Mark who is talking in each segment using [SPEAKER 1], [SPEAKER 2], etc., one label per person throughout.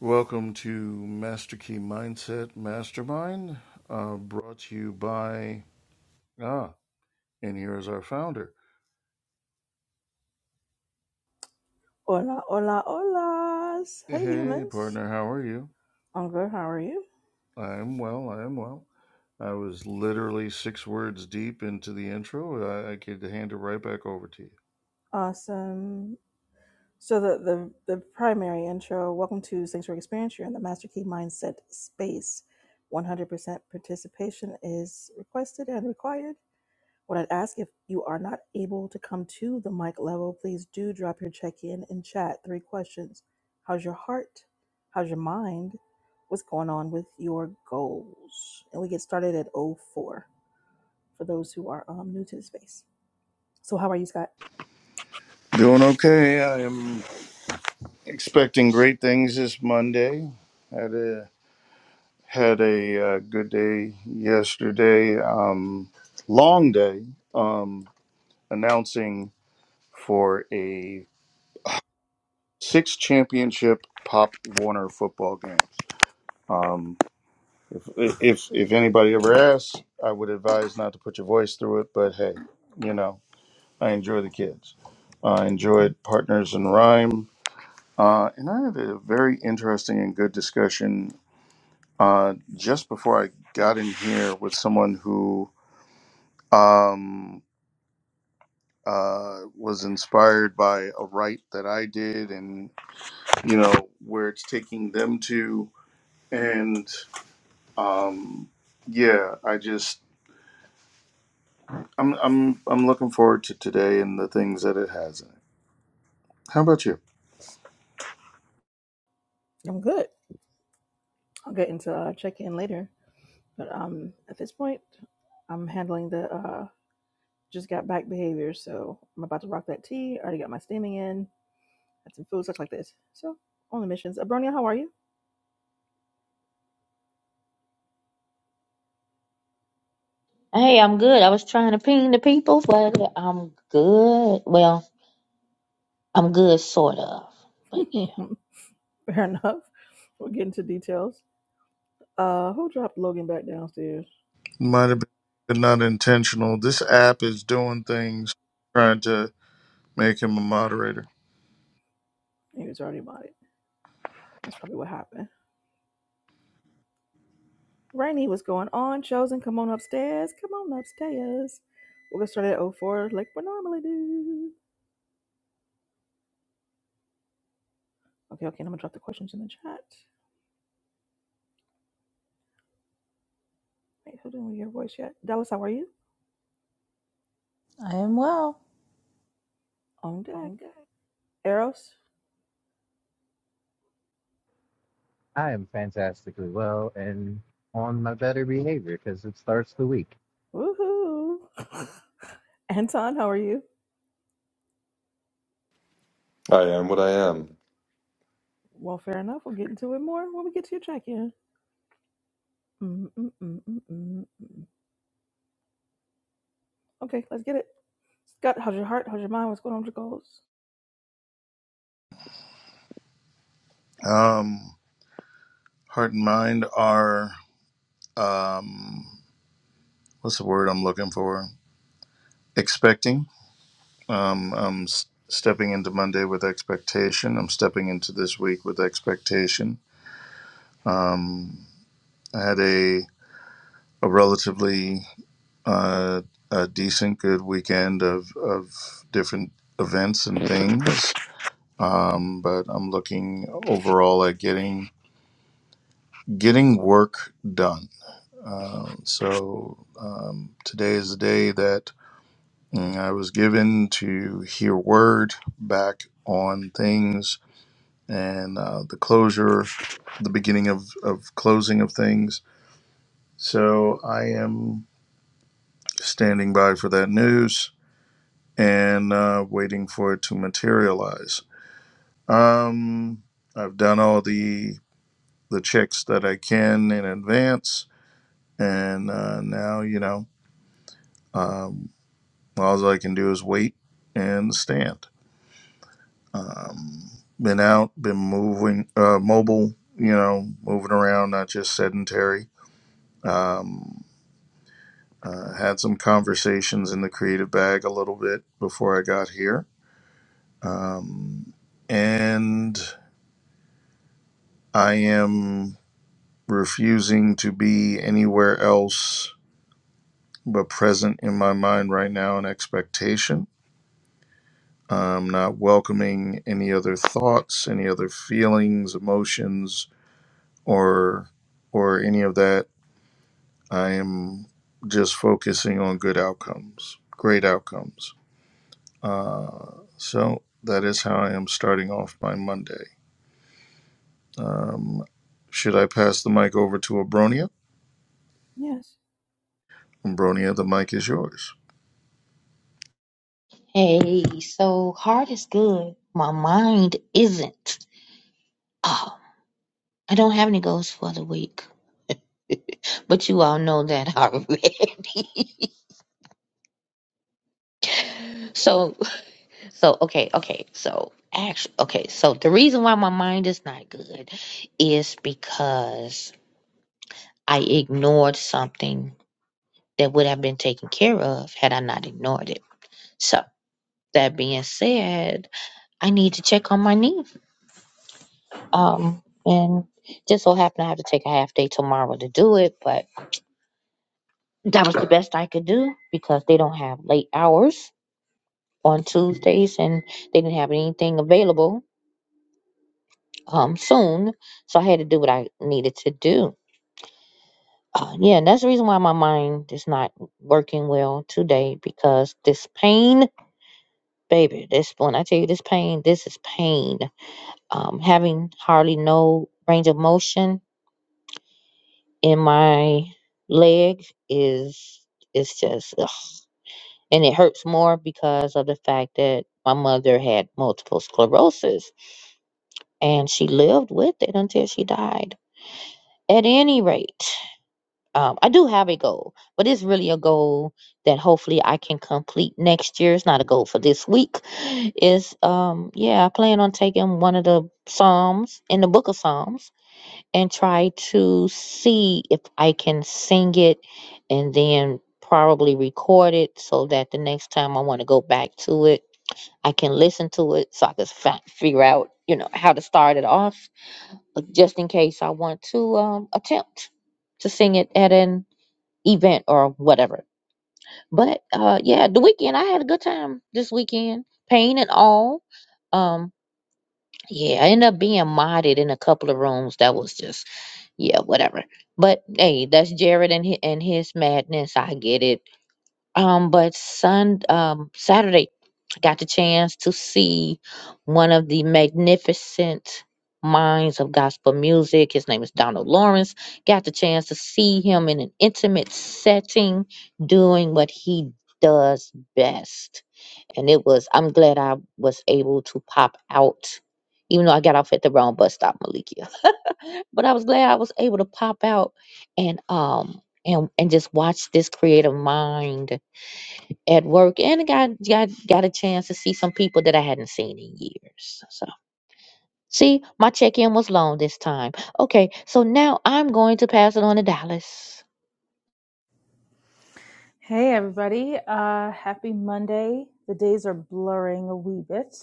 [SPEAKER 1] Welcome to Master Key Mindset Mastermind, uh, brought to you by. Ah, and here is our founder.
[SPEAKER 2] Hola, hola, hola. Hey,
[SPEAKER 1] Hey,
[SPEAKER 2] humans.
[SPEAKER 1] partner, how are you?
[SPEAKER 2] I'm good. How are you?
[SPEAKER 1] I am well, I am well. I was literally six words deep into the intro. I, I could hand it right back over to you.
[SPEAKER 2] Awesome. So the, the the primary intro. Welcome to Sanctuary Experience. You're in the Master Key Mindset space. 100% participation is requested and required. What I'd ask if you are not able to come to the mic level, please do drop your check in in chat. Three questions: How's your heart? How's your mind? What's going on with your goals? And we get started at o four. for those who are um, new to the space. So, how are you, Scott?
[SPEAKER 1] Doing okay. I am expecting great things this Monday. Had a had a uh, good day yesterday. Um, long day. Um, announcing for a six championship Pop Warner football game. Um, if, if if anybody ever asks, I would advise not to put your voice through it. But hey, you know, I enjoy the kids. I enjoyed Partners in Rhyme, uh, and I had a very interesting and good discussion uh, just before I got in here with someone who um, uh, was inspired by a write that I did, and you know where it's taking them to And um, yeah, I just I'm I'm I'm looking forward to today and the things that it has in it. How about you?
[SPEAKER 2] I'm good. I'll get into uh, check in later. But um, at this point, I'm handling the uh, just got back behavior. So, I'm about to rock that tea. I already got my steaming in, had some food, stuff like this. So, on the missions. Abronia, how are you?
[SPEAKER 3] Hey, I'm good. I was trying to ping the people, but I'm good. Well, I'm good, sort of. But
[SPEAKER 2] Fair enough. We'll get into details. Uh, who dropped Logan back downstairs?
[SPEAKER 1] Might have been not intentional. This app is doing things trying to make him a moderator.
[SPEAKER 2] He was already about it. That's probably what happened. Rainy, what's going on? Chosen, come on upstairs. Come on upstairs. we are gonna start at oh 04 like we normally do. Okay, okay, I'm gonna drop the questions in the chat. Wait, who didn't we hear voice yet? Dallas, how are you?
[SPEAKER 4] I am well.
[SPEAKER 2] On deck.
[SPEAKER 4] I'm good.
[SPEAKER 2] Eros,
[SPEAKER 5] I am fantastically well and on my better behavior because it starts the week.
[SPEAKER 2] woohoo. Anton, how are you?
[SPEAKER 6] I am what I am.
[SPEAKER 2] Well, fair enough. We'll get into it more when we get to your check in. mm mm mm mm mm mm. Okay, let's get it. Scott, how's your heart? How's your mind? What's going on with your goals?
[SPEAKER 1] Um, heart and mind are um, what's the word I'm looking for? Expecting. Um, I'm s- stepping into Monday with expectation. I'm stepping into this week with expectation. Um, I had a a relatively uh, a decent, good weekend of, of different events and things. Um, but I'm looking overall at getting getting work done. Um, so um, today is the day that mm, I was given to hear word back on things and uh, the closure, the beginning of, of closing of things. So I am standing by for that news and uh, waiting for it to materialize. Um, I've done all the the checks that I can in advance, and uh, now you know um, all I can do is wait and stand. Um, been out, been moving, uh, mobile, you know, moving around, not just sedentary. Um, uh, had some conversations in the creative bag a little bit before I got here, um, and I am. refusing to be anywhere else but present in my mind right now in expectation. I'm not welcoming any other thoughts, any other feelings, emotions, or or any of that. I am just focusing on good outcomes, great outcomes. Uh, so that is how I am starting off my Monday. Um, should I pass the mic over to Abronia?
[SPEAKER 2] Yes.
[SPEAKER 1] Abronia, the mic is yours.
[SPEAKER 3] hey, so heart is good. My mind isn't. Oh, I don't have any goals for the week, but you all know that already. so, so okay, okay. So actually, okay. So the reason why my mind is not good is because I ignored something that would have been taken care of had I not ignored it. So. That being said, I need to check on my knee. Um, and just so happened I have to take a half day tomorrow to do it, but that was the best I could do because they don't have late hours on Tuesdays and they didn't have anything available um soon. So I had to do what I needed to do. Uh, yeah, and that's the reason why my mind is not working well today because this pain, baby, this when I tell you this pain, this is pain. Um, having hardly no range of motion in my leg is it's just ugh. and it hurts more because of the fact that my mother had multiple sclerosis and she lived with it until she died at any rate um, i do have a goal but it's really a goal that hopefully i can complete next year it's not a goal for this week it's um yeah i plan on taking one of the psalms in the book of psalms and try to see if I can sing it and then probably record it so that the next time I want to go back to it, I can listen to it so I can fi- figure out, you know, how to start it off but just in case I want to um, attempt to sing it at an event or whatever. But uh, yeah, the weekend, I had a good time this weekend, pain and all. Um, yeah, I ended up being modded in a couple of rooms that was just yeah, whatever. But hey, that's Jared and his, and his madness. I get it. Um, but Sun um Saturday, I got the chance to see one of the magnificent minds of gospel music. His name is Donald Lawrence. Got the chance to see him in an intimate setting, doing what he does best. And it was. I'm glad I was able to pop out, even though I got off at the wrong bus stop, Malikia but I was glad I was able to pop out and um and and just watch this creative mind at work and I got got got a chance to see some people that I hadn't seen in years. So see, my check-in was long this time. Okay, so now I'm going to pass it on to Dallas.
[SPEAKER 4] Hey, everybody. Uh, happy Monday. The days are blurring a wee bit.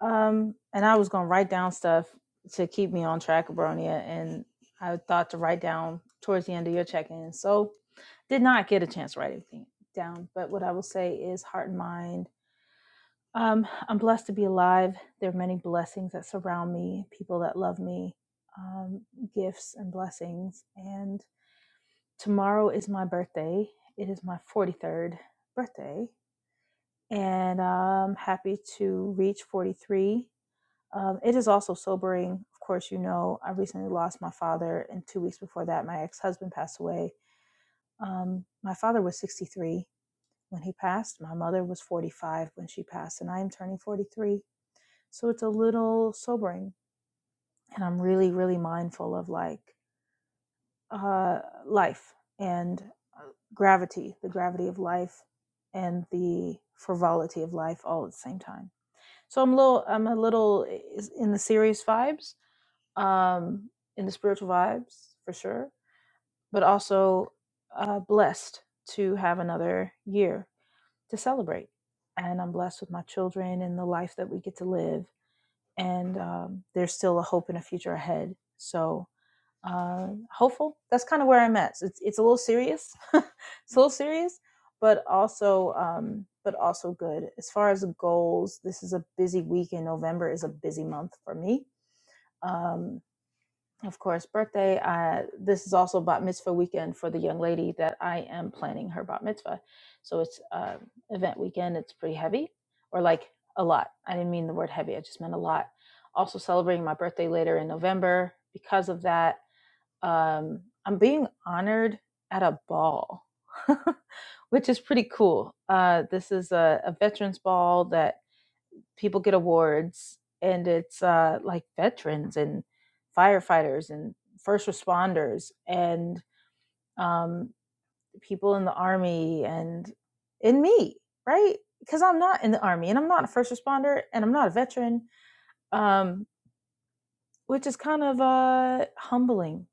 [SPEAKER 4] Um, and I was going to write down stuff to keep me on track, Abronia, and I thought to write down towards the end of your check in. So did not get a chance to write everything down. But what I will say is heart and mind. Um, I'm blessed to be alive. There are many blessings that surround me, people that love me, um, gifts and blessings. and. Tomorrow is my birthday. It is my 43rd birthday, and I'm happy to reach 43. Um, it is also sobering. Of course, you know, I recently lost my father, and two weeks before that, my ex husband passed away. Um, my father was 63 when he passed, my mother was 45 when she passed, and I am turning 43. So it's a little sobering. And I'm really, really mindful of like, uh, life and uh, gravity, the gravity of life and the frivolity of life all at the same time. So I'm a little, I'm a little in the serious vibes, um, in the spiritual vibes for sure, but also uh, blessed to have another year to celebrate. And I'm blessed with my children and the life that we get to live. And um, there's still a hope and a future ahead. So uh, hopeful. That's kind of where I'm at. So it's it's a little serious, it's a little serious, but also um, but also good as far as goals. This is a busy week, and November is a busy month for me. Um, of course, birthday. I, this is also bat mitzvah weekend for the young lady that I am planning her bat mitzvah. So it's uh, event weekend. It's pretty heavy, or like a lot. I didn't mean the word heavy. I just meant a lot. Also celebrating my birthday later in November because of that um, I'm being honored at a ball, which is pretty cool. Uh, this is a, a veterans ball that people get awards, and it's uh, like veterans and firefighters and first responders and um, people in the army and in me, right? Because I'm not in the army and I'm not a first responder and I'm not a veteran, um, which is kind of uh, humbling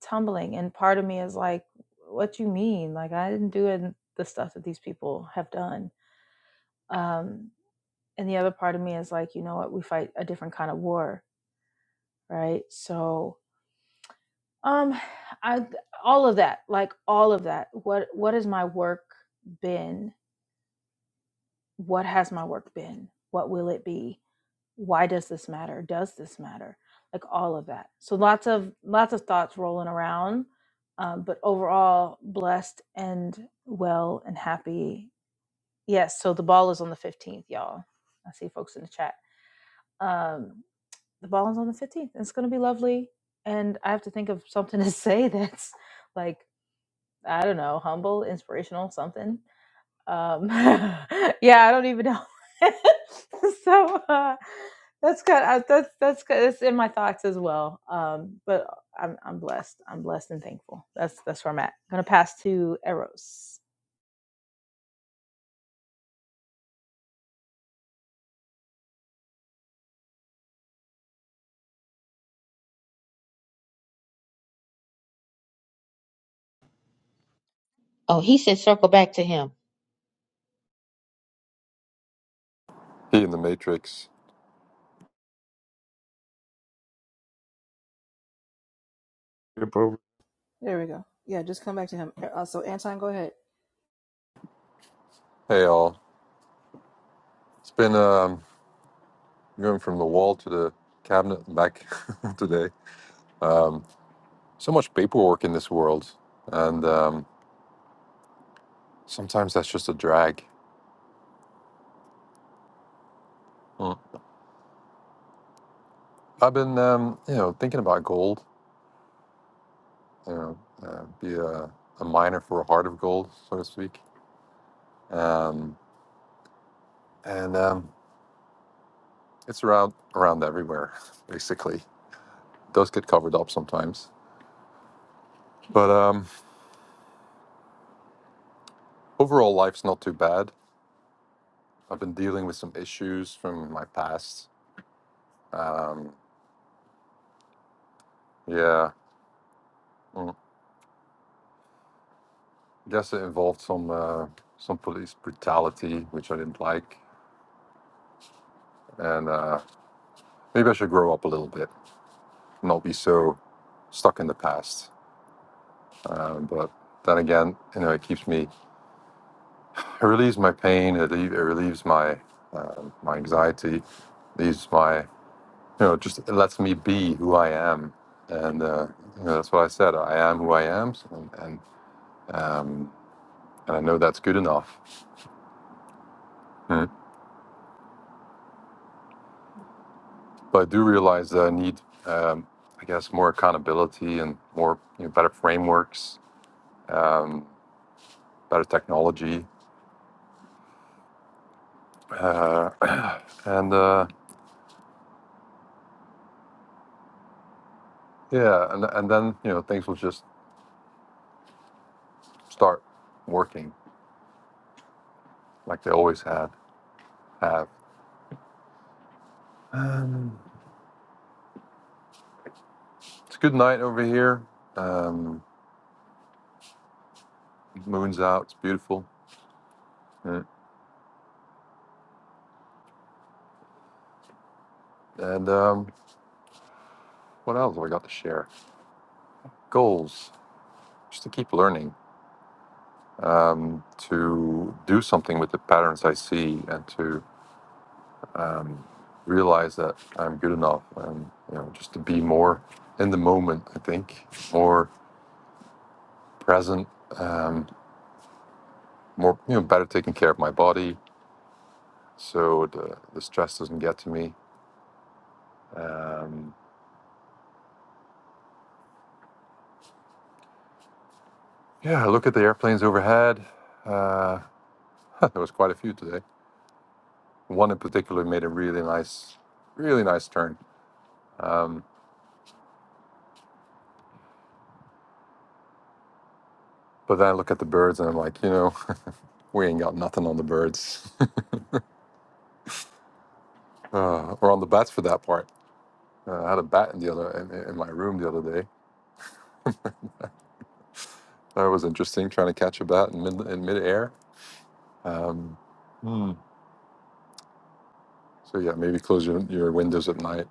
[SPEAKER 4] tumbling and part of me is like what you mean like i didn't do it the stuff that these people have done um and the other part of me is like you know what we fight a different kind of war right so um i all of that like all of that what what has my work been what has my work been what will it be why does this matter does this matter like all of that so lots of lots of thoughts rolling around um, but overall blessed and well and happy yes so the ball is on the 15th y'all i see folks in the chat um, the ball is on the 15th it's going to be lovely and i have to think of something to say that's like i don't know humble inspirational something um, yeah, I don't even know. so uh, that's kind of that's that's good. It's in my thoughts as well. Um, but I'm I'm blessed. I'm blessed and thankful. That's that's where I'm at. gonna pass to Eros.
[SPEAKER 3] Oh, he said circle back to him.
[SPEAKER 6] He in the Matrix.
[SPEAKER 2] There we go. Yeah, just come back to him. Uh, so, Anton, go ahead.
[SPEAKER 6] Hey, all. It's been um, going from the wall to the cabinet and back today. So much paperwork in this world, and um, sometimes that's just a drag. Mm. I've been, um, you know, thinking about gold. You know, uh, be a, a miner for a heart of gold, so to speak. Um, and um, it's around around everywhere, basically. Does get covered up sometimes, but um, overall, life's not too bad. I've been dealing with some issues from my past. Um, yeah, mm, I guess it involved some uh, some police brutality, which I didn't like, and uh, maybe I should grow up a little bit, not be so stuck in the past. Um, but then again, you know, it keeps me, it relieves my pain, it, le- it relieves my um, my anxiety, leaves my, you know, just it lets me be who I am, and uh, you know, that's what I said. I am who I am, and, and um, and I know that's good enough. Mm. But I do realize that I need, um, I guess, more accountability and more you know, better frameworks, um, better technology, uh, and uh, yeah, and and then you know things will just start working like they always had have. Um, it's a good night over here. Um, moon's out. It's beautiful. Mm. And um, what else have I got to share? Goals, just to keep learning um, to do something with the patterns I see and to um, realize that I'm good enough and you know just to be more in the moment. I think more present, um, more you know better taking care of my body so the the stress doesn't get to me. Um, yeah, I look at the airplanes overhead. Uh, there was quite a few today. One in particular made a really nice, really nice turn. Um, but then I look at the birds and I'm like, you know. We ain't got nothing on the birds uh, or on the bats for that part. Uh, I had a bat in the other in, in my room the other day. That was interesting, trying to catch a bat in mid in midair. Um, hmm. So yeah, maybe close your, your windows at night.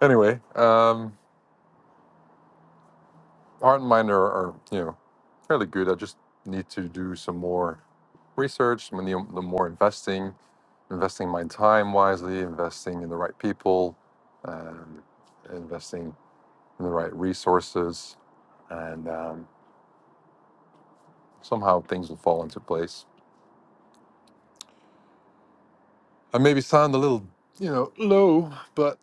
[SPEAKER 6] Anyway, um, heart and mind are, are you know fairly good. I just need to do some more research, I mean, the more investing, investing my time wisely, investing in the right people, um, investing in the right resources, and um, somehow things will fall into place. I maybe sound a little, you know, low, but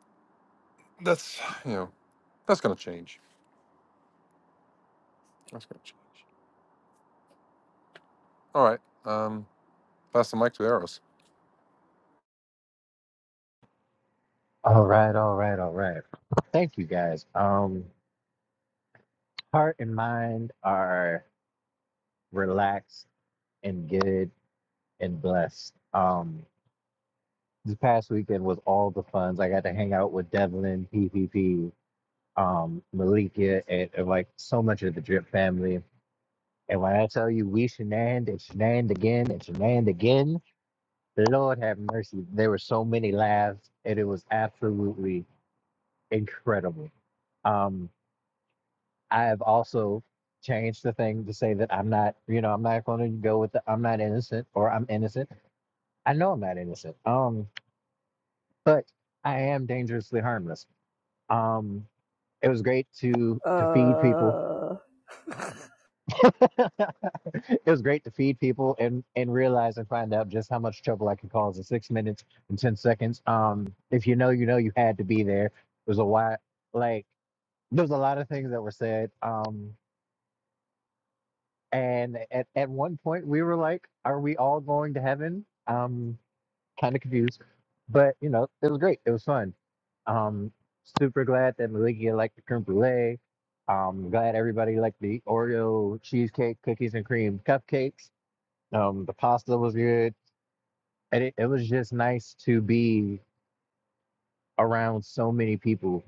[SPEAKER 6] that's, you know, that's going to change. That's going to change. All right. Um, pass the mic to Eros.
[SPEAKER 5] All right, all right, all right. Thank you guys. Um, heart and mind are relaxed and good and blessed. Um, this past weekend was all the funs. I got to hang out with Devlin, PPP, um, Malika, and, and like so much of the Drip family. And when I tell you we shenaned and shenaned again and shenaned again, Lord have mercy. There were so many laughs, and it was absolutely incredible. Um, I have also changed the thing to say that I'm not, you know, I'm not going to go with the I'm not innocent or I'm innocent. I know I'm not innocent. Um, but I am dangerously harmless. Um, it was great to to feed people
[SPEAKER 2] Uh,
[SPEAKER 5] It was great to feed people and and realize and find out just how much trouble I could cause in six minutes and ten seconds. Um, if you know, you know, you had to be there. There's a lot, like there's a lot of things that were said. Um, and at at one point we were like, "Are we all going to heaven?" Um, kind of confused, but you know, it was great. It was fun. Um, super glad that Malikia liked the creme brulee. Um, glad everybody liked the Oreo cheesecake, cookies and cream cupcakes. Um, the pasta was good, and it, it was just nice to be around so many people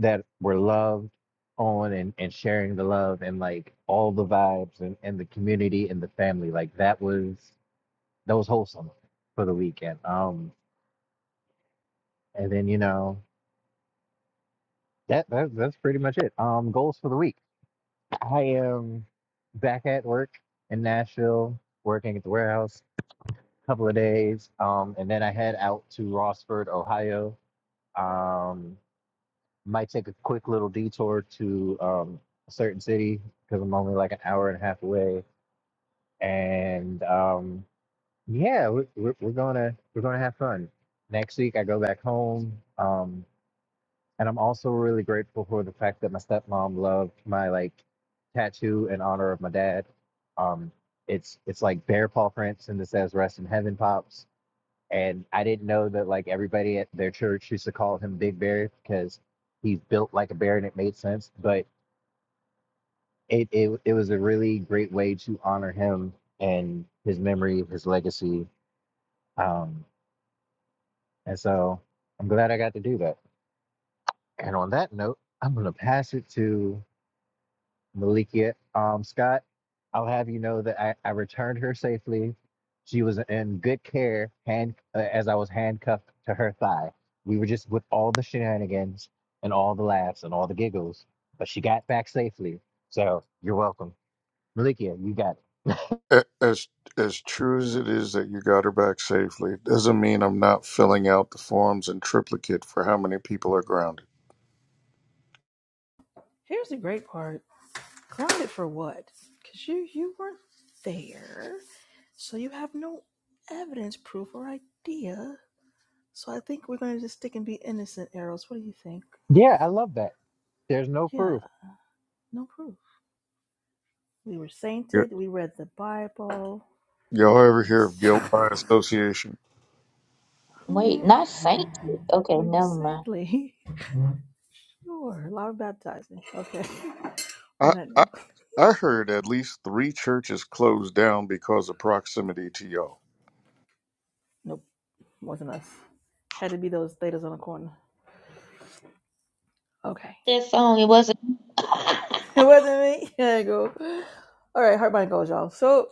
[SPEAKER 5] that were loved on and, and sharing the love and like all the vibes and, and the community and the family. Like that was that was wholesome for the weekend. Um, and then you know that, that that's pretty much it. Um, goals for the week. I am back at work in Nashville, working at the warehouse a couple of days. Um, and then I head out to Rossford, Ohio. Um, Might take a quick little detour to um, a certain city because I'm only like an hour and a half away. And um, yeah, we're, we're, we're gonna we're gonna have fun. Next week I go back home, um, and I'm also really grateful for the fact that my stepmom loved my like tattoo in honor of my dad. Um, it's it's like bear paw prints, and it says "Rest in Heaven, Pops." and I didn't know that like everybody at their church used to call him Big Bear because he's built like a bear and it made sense. But it it, it was a really great way to honor him and his memory, his legacy. Um, and so I'm glad I got to do that. And on that note, I'm gonna pass it to Malikia um, Scott. I'll have you know that I, I returned her safely. She was in good care, hand uh, as I was handcuffed to her thigh. We were just with all the shenanigans and all the laughs and all the giggles, but she got back safely. So you're welcome, Malikia. You got it.
[SPEAKER 1] A- As as true as it is that you got her back safely, it doesn't mean I'm not filling out the forms in triplicate for how many people are grounded.
[SPEAKER 2] here's the great part. Grounded for what? Because you you weren't there, so you have no evidence, proof, or idea. So I think we're gonna just stick and be innocent, arrows. What do you think?
[SPEAKER 5] Yeah, I love that. There's no proof.
[SPEAKER 2] Yeah, no proof. We were
[SPEAKER 1] Y-
[SPEAKER 2] sainted. We read the Bible.
[SPEAKER 1] Y'all ever
[SPEAKER 2] And
[SPEAKER 1] hear of guilt by association?
[SPEAKER 3] Wait, not Saint. Okay,
[SPEAKER 2] we were
[SPEAKER 3] never mind.
[SPEAKER 2] saintly. Sure, a lot of baptizing. Okay. On
[SPEAKER 1] I,
[SPEAKER 2] that
[SPEAKER 1] I
[SPEAKER 2] note,
[SPEAKER 1] I heard at least three churches closed down because of proximity to y'all.
[SPEAKER 2] nope. Wasn't us. Had to be those thetas on the corner. Okay.
[SPEAKER 3] That song it wasn't
[SPEAKER 2] It wasn't me. There you go. All right, heart, mind, goals, y'all. So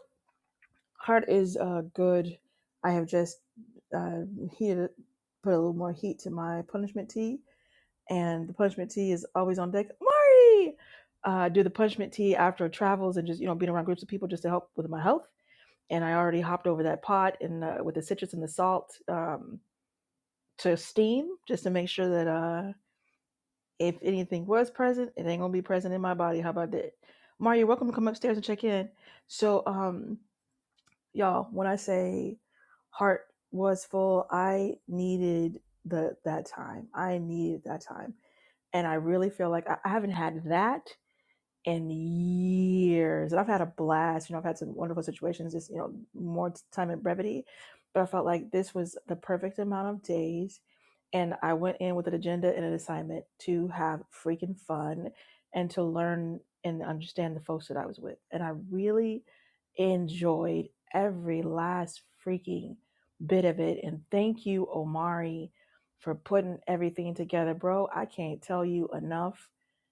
[SPEAKER 2] heart is uh good. I have just uh heated it- put a little more heat to my punishment tea, and the punishment tea is always on deck. Mari, uh, do the punishment tea after travels and just you know being around groups of people just to help with my health. And I already hopped over that pot and uh, with the citrus and the salt um, to steam just to make sure that uh, If anything was present, it ain't gonna be present in my body. How about that? Mario, you're welcome to come upstairs and check in. So, um, y'all, when I say heart was full, I needed the that time. I needed that time. And I really feel like I, I haven't had that in years. And I've had a blast. You know, I've had some wonderful situations, just, you know, more time in brevity. But I felt like this was the perfect amount of days. And I went in with an agenda and an assignment to have freaking fun and to learn and understand the folks that I was with. And I really enjoyed every last freaking bit of it. And thank you, Omari, for putting everything together. Bro, I can't tell you enough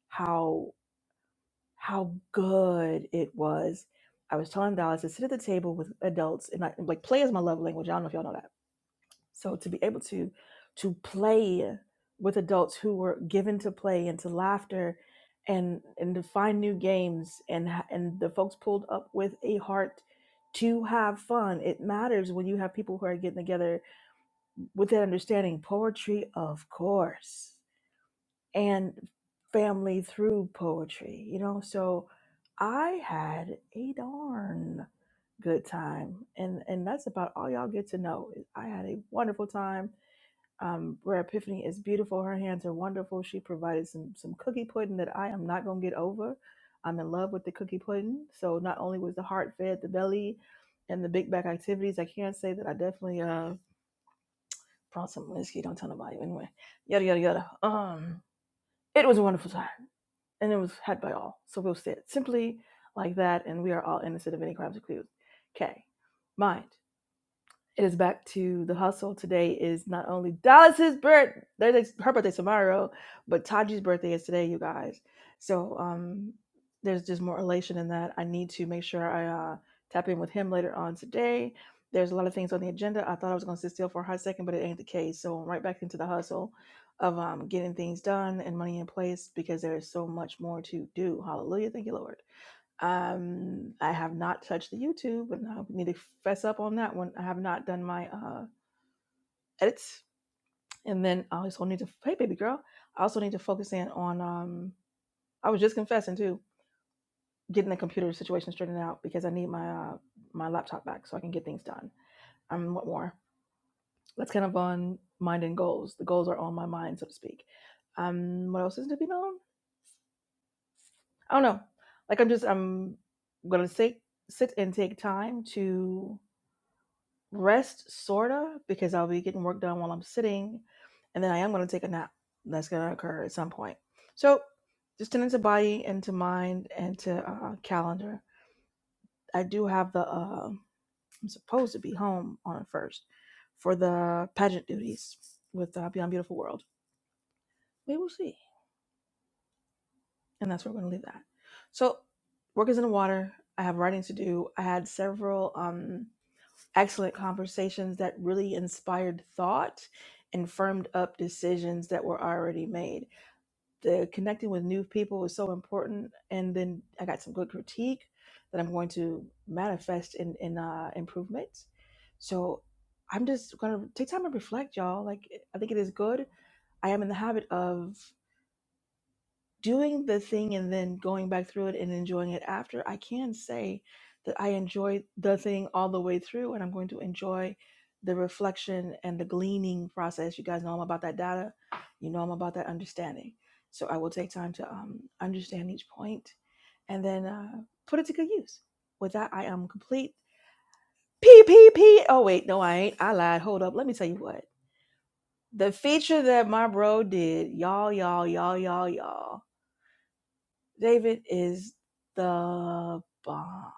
[SPEAKER 2] how how good it was. I was telling Dallas to sit at the table with adults and I, like play is my love language. I don't know if y'all know that. So to be able to to play with adults who were given to play and to laughter and and to find new games and ha- and the folks pulled up with a heart to have fun. It matters when you have people who are getting together with that understanding. Poetry, of course and family through poetry, you know. So I had a darn good time, and and that's about all y'all get to know. is I had a wonderful time. Um, Rare Epiphany is beautiful. Her hands are wonderful. She provided some some cookie pudding that I am not gonna get over. I'm in love with the cookie pudding. So not only was the heart fed, the belly, and the big back activities, I can say that I definitely uh brought some whiskey. Don't tell nobody. Anyway, yada yada yada. Um, it was a wonderful time and it was had by all. So we'll say it simply like that, and we are all innocent of any crimes accused. Okay. Mind. It is back to the hustle. Today is not only Dallas's birth, her birthday tomorrow, but Taji's birthday is today, you guys. So um, there's just more elation in that. I need to make sure I uh, tap in with him later on today. There's a lot of things on the agenda. I thought I was going to sit still for a hot second, but it ain't the case. So I'm right back into the hustle of um, getting things done and money in place because there is so much more to do. Hallelujah. Thank you, Lord. Um, I have not touched the YouTube, and I need to fess up on that one. I have not done my uh, edits, and then I also need to. Hey, baby girl, I also need to focus in on. Um, I was just confessing too, getting the computer situation straightened out because I need my uh, my laptop back so I can get things done. Um, what more? That's kind of on mind and goals. The goals are on my mind, so to speak. Um, what else is to be known? I don't know. Like I'm just I'm gonna sit sit and take time to rest sorta because I'll be getting work done while I'm sitting, and then I am going to take a nap. That's going to occur at some point. So just tend to body and to mind and to uh, calendar. I do have the uh, I'm supposed to be home on the first for the pageant duties with uh, Beyond Beautiful World. We will see, and that's where we're going to leave that. So work is in the water. I have writing to do. I had several. Um, excellent conversations that really inspired thought and firmed up decisions that were already made. The connecting with new people is so important. And then I got some good critique that I'm going to manifest in, in uh, improvements. So I'm just going to take time and reflect, y'all. Like, I think it is good. I am in the habit of doing the thing and then going back through it and enjoying it after, I can say that I enjoyed the thing all the way through and I'm going to enjoy the reflection and the gleaning process. You guys know I'm about that data, you know I'm about that understanding. So I will take time to um, understand each point and then uh, put it to good use. With that, I am complete. P P P. Oh, wait, no, I ain't. I lied. Hold up. Let me tell you what. The feature that my bro did, y'all, y'all, y'all, y'all, y'all. David is the bomb.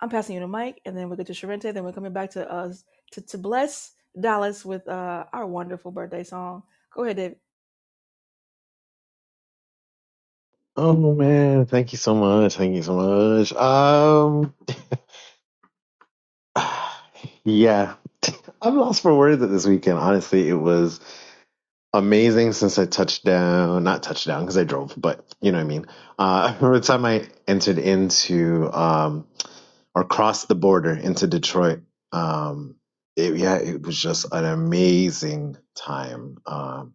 [SPEAKER 2] I'm passing you the mic, and then we'll get to Sharente. Then we're coming back to us to, to bless Dallas with uh, our wonderful birthday song. Go ahead, David.
[SPEAKER 7] Oh man, thank you so much. Thank you so much. Um, yeah, I'm lost for words at this weekend. Honestly, it was amazing since I touched down, not touched down because I drove, but you know what I mean. Uh, I remember the time I entered into um or crossed the border into Detroit. Um, it, yeah, it was just an amazing time. Um,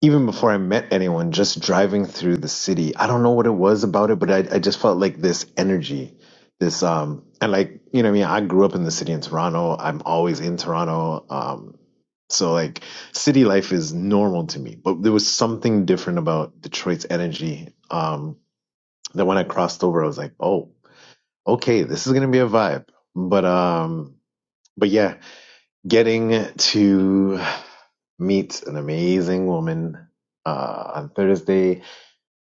[SPEAKER 7] even before I met anyone, just driving through the city, I don't know what it was about it, but I, I just felt like this energy, this, um, and like, you know, what I mean, I grew up in the city in Toronto. I'm always in Toronto. Um, so like city life is normal to me, but there was something different about Detroit's energy. Um, that when I crossed over, I was like, oh, okay, this is going to be a vibe. But, um, but yeah, getting to meet an amazing woman uh, on Thursday,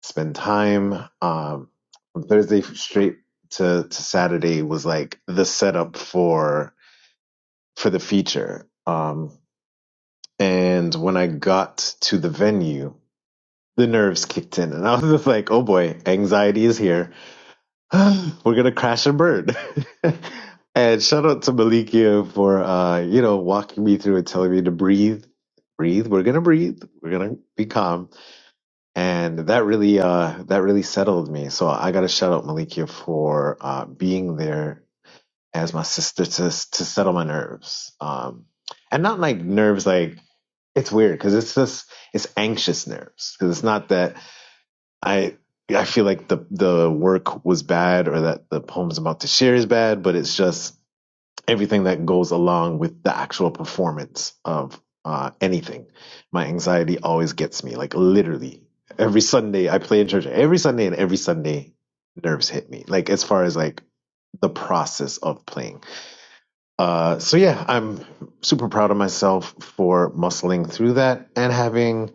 [SPEAKER 7] spend time um, from Thursday straight to, to Saturday was like the setup for for the feature. Um, and when I got to the venue, the nerves kicked in, and I was just like, "Oh boy, anxiety is here." we're gonna crash and burn. and shout out to Malikia for uh, you know, walking me through and telling me to breathe, breathe. We're gonna breathe. We're gonna be calm. And that really uh that really settled me. So I gotta shout out Malikia for uh being there as my sister to to settle my nerves. Um and not like nerves like it's weird because it's just it's anxious nerves because it's not that I I feel like the the work was bad or that the poems I'm about to share is bad, but it's just everything that goes along with the actual performance of uh, anything. My anxiety always gets me, like literally every Sunday. I play in church every Sunday, and every Sunday nerves hit me. Like as far as like the process of playing. Uh, so yeah, I'm super proud of myself for muscling through that and having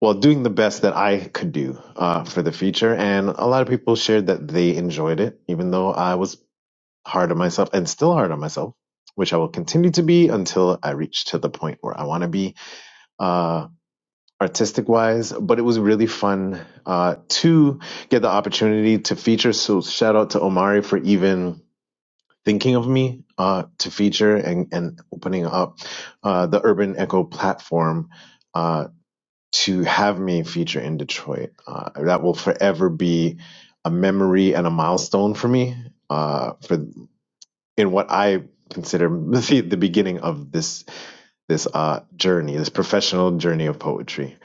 [SPEAKER 7] well, doing the best that I could do uh, for the feature. And a lot of people shared that they enjoyed it, even though I was hard on myself and still hard on myself, which I will continue to be until I reach to the point where I want to be uh, artistic wise. But it was really fun uh, to get the opportunity to feature. So shout out to Omari for even thinking of me uh, to feature and, and opening up uh, the Urban Echo platform uh, to have me feature in Detroit. Uh, that will forever be a memory and a milestone for me. Uh, for in what I consider the, the beginning of this this uh, journey, this professional journey of poetry.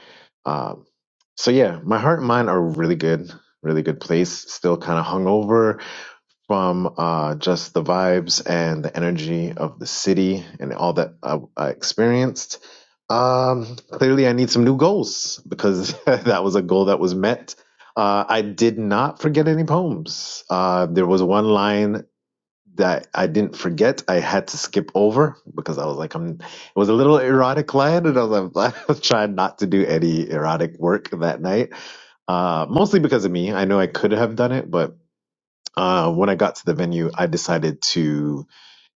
[SPEAKER 7] Um, so yeah, my heart and mind are really good, really good place. Still kind of hungover, from uh, just the vibes and the energy of the city and all that I, I experienced. Um, clearly, I need some new goals because that was a goal that was met. Uh, I did not forget any poems. Uh, there was one line that I didn't forget. I had to skip over because I was like, I'm. It was a little erotic line, and I was like, I was trying not to do any erotic work that night. Uh, mostly because of me. I know I could have done it, but uh, when I got to the venue, I decided to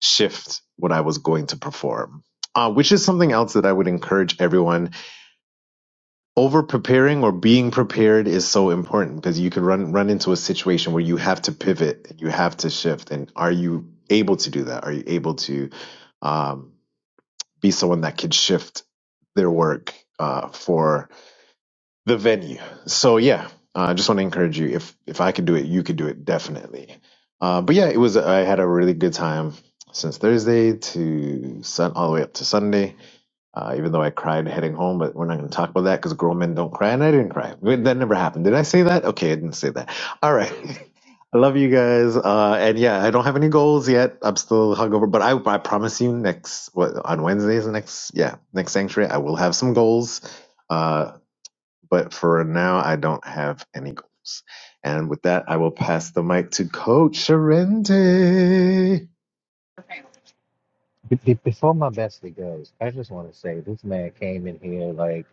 [SPEAKER 7] shift what I was going to perform, uh, which is something else that I would encourage everyone. Over preparing or being prepared is so important because you can run run into a situation where you have to pivot, and you have to shift, and are you able to do that? Are you able to um, be someone that can shift their work uh, for? the venue. So yeah, I uh, just want to encourage you. If if I could do it, you could do it definitely. Uh, but yeah, it was. I had a really good time since Thursday to sun all the way up to Sunday. Uh, even though I cried heading home, but we're not going to talk about that because grown men don't cry, and I didn't cry. Wait, That never happened. Did I say that? Okay, I didn't say that. All right. I love you guys. Uh, and yeah, I don't have any goals yet. I'm still hungover, but I, I promise you next, what, on Wednesdays, next, yeah, next sanctuary, I will have some goals Uh, but for now, I don't have any goals. And with that, I will pass the mic to Coach Sharente.
[SPEAKER 5] Be- be- Before my bestie goes, I just want to say this man came in here like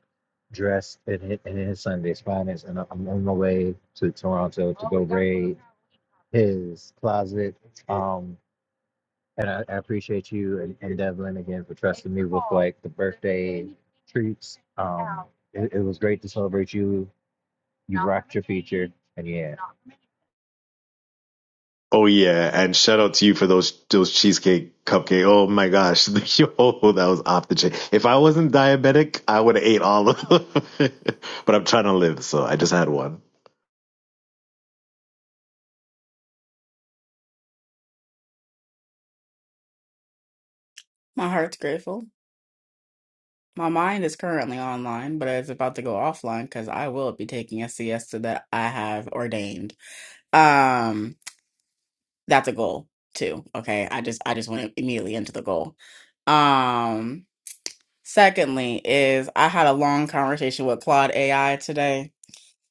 [SPEAKER 5] dressed in his, in his Sunday's finest, and I'm on my way to Toronto to go raid his closet. Um, and I, I appreciate you and, and Devlin again for trusting me with like the birthday treats. Um, it, it was great to celebrate you. You rocked your feature, and yeah,
[SPEAKER 7] Oh yeah, and shout out to you for those those cheesecake cupcake. Oh my gosh, yo, that was off the chain. If I wasn't diabetic, I would have ate all of them. but I'm trying to live, so I just had one.
[SPEAKER 8] My heart's grateful. My mind is currently online, but it's about to go offline because I will be taking a siesta that I have ordained. Um, that's a goal too. Okay, I just I just went immediately into the goal. Um, secondly, is I had a long conversation with Claude AI today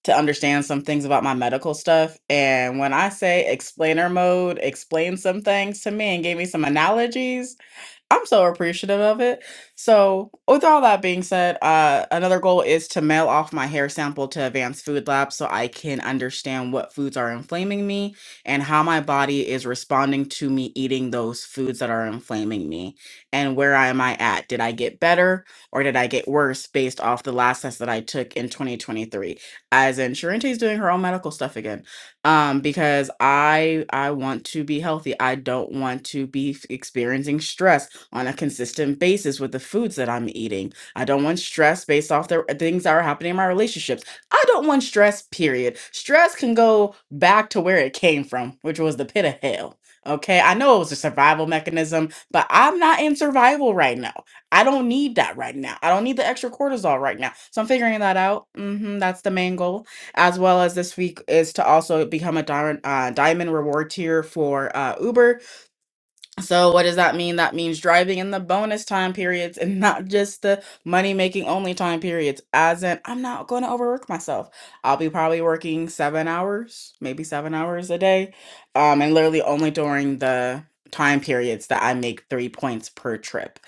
[SPEAKER 8] to understand some things about my medical stuff. And when I say explainer mode, explain some things to me and gave me some analogies I'm so appreciative of it. So, with all that being said, uh, another goal is to mail off my hair sample to Advanced Food Lab so I can understand what foods are inflaming me and how my body is responding to me eating those foods that are inflaming me. And where am I at? Did I get better or did I get worse based off the last test that I took in 2023? As in, Sharente's doing her own medical stuff again um because i i want to be healthy i don't want to be f- experiencing stress on a consistent basis with the foods that i'm eating i don't want stress based off the things that are happening in my relationships i don't want stress period stress can go back to where it came from which was the pit of hell okay i know it was a survival mechanism but i'm not in survival right now i don't need that right now i don't need the extra cortisol right now so i'm figuring that out hmm that's the main goal as well as this week is to also become a diamond uh, diamond reward tier for uh, Uber so what does that mean? That means driving in the bonus time periods and not just the money making only time periods. As in, I'm not going to overwork myself. I'll be probably working seven hours, maybe seven hours a day, um, and literally only during the time periods that I make three points per trip.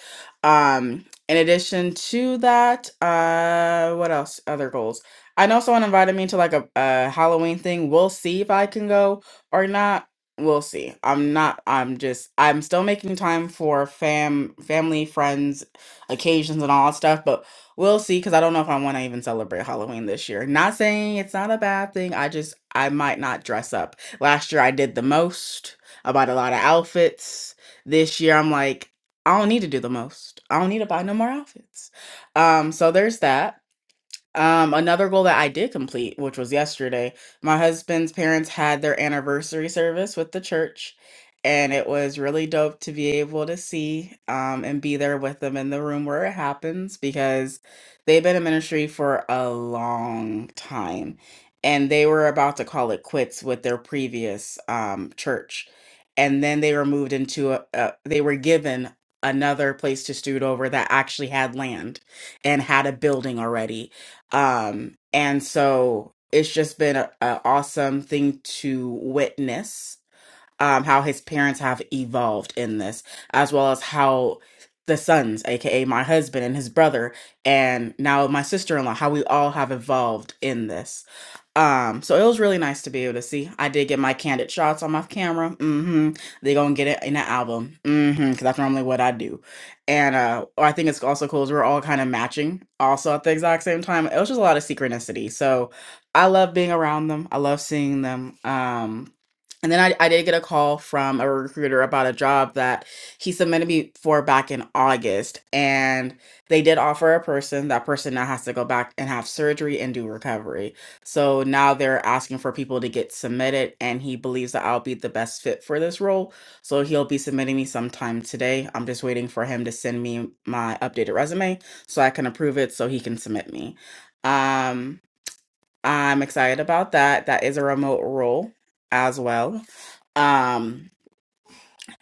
[SPEAKER 8] Um, in addition to that, uh, what else? Other goals. I know someone invited me to like a, a Halloween thing. We'll see if I can go or not we'll see. I'm not I'm just I'm still making time for fam family, friends, occasions and all that stuff, but we'll see cuz I don't know if I want to even celebrate Halloween this year. Not saying it's not a bad thing. I just I might not dress up. Last year I did the most. I bought a lot of outfits. This year I'm like I don't need to do the most. I don't need to buy no more outfits. Um so there's that. Um, another goal that I did complete, which was yesterday, my husband's parents had their anniversary service with the church, and it was really dope to be able to see um, and be there with them in the room where it happens because they've been in ministry for a long time and they were about to call it quits with their previous um, church. And then they were moved into a, a they were given another place to steward over that actually had land and had a building already um, and so it's just been an awesome thing to witness um, how his parents have evolved in this, as well as how the sons, aka my husband and his brother, and now my sister in law, how we all have evolved in this. Um, so it was really nice to be able to see. I did get my candid shots on my camera. Mm-hmm. They gonna get it in the album. Mm-hmm. Cause that's normally what I do. And uh I think it's also cool is we're all kind of matching also at the exact same time. It was just a lot of synchronicity. So I love being around them. I love seeing them. Um and then I, I did get a call from a recruiter about a job that he submitted me for back in August. And they did offer a person. That person now has to go back and have surgery and do recovery. So now they're asking for people to get submitted. And he believes that I'll be the best fit for this role. So he'll be submitting me sometime today. I'm just waiting for him to send me my updated resume so I can approve it so he can submit me. Um, I'm excited about that. That is a remote role as well. Um,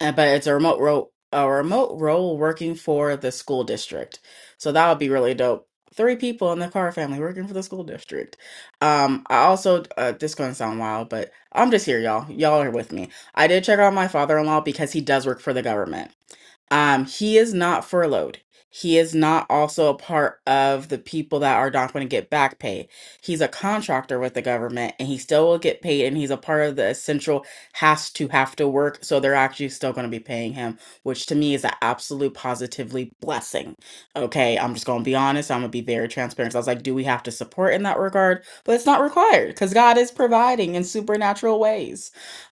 [SPEAKER 8] and- but it's a remote role, a remote role working for the school district. So that would be really dope. Three people in the Carr family working for the school district. Um, I also, uh, this gonna sound wild, but I'm just here, y'all. Y'all are with me. I did check on my father-in-law because he does work for the government. Um, he is not furloughed. He is not also a part of the people that are not going to get back pay. He's a contractor with the government and he still will get paid and he's a part of the essential has to have to work. So they're actually still going to be paying him, which to me is an absolute positively blessing. Okay. I'm just going to be honest. I'm going to be very transparent. So I was like, do we have to support in that regard? But it's not required because God is providing in supernatural ways.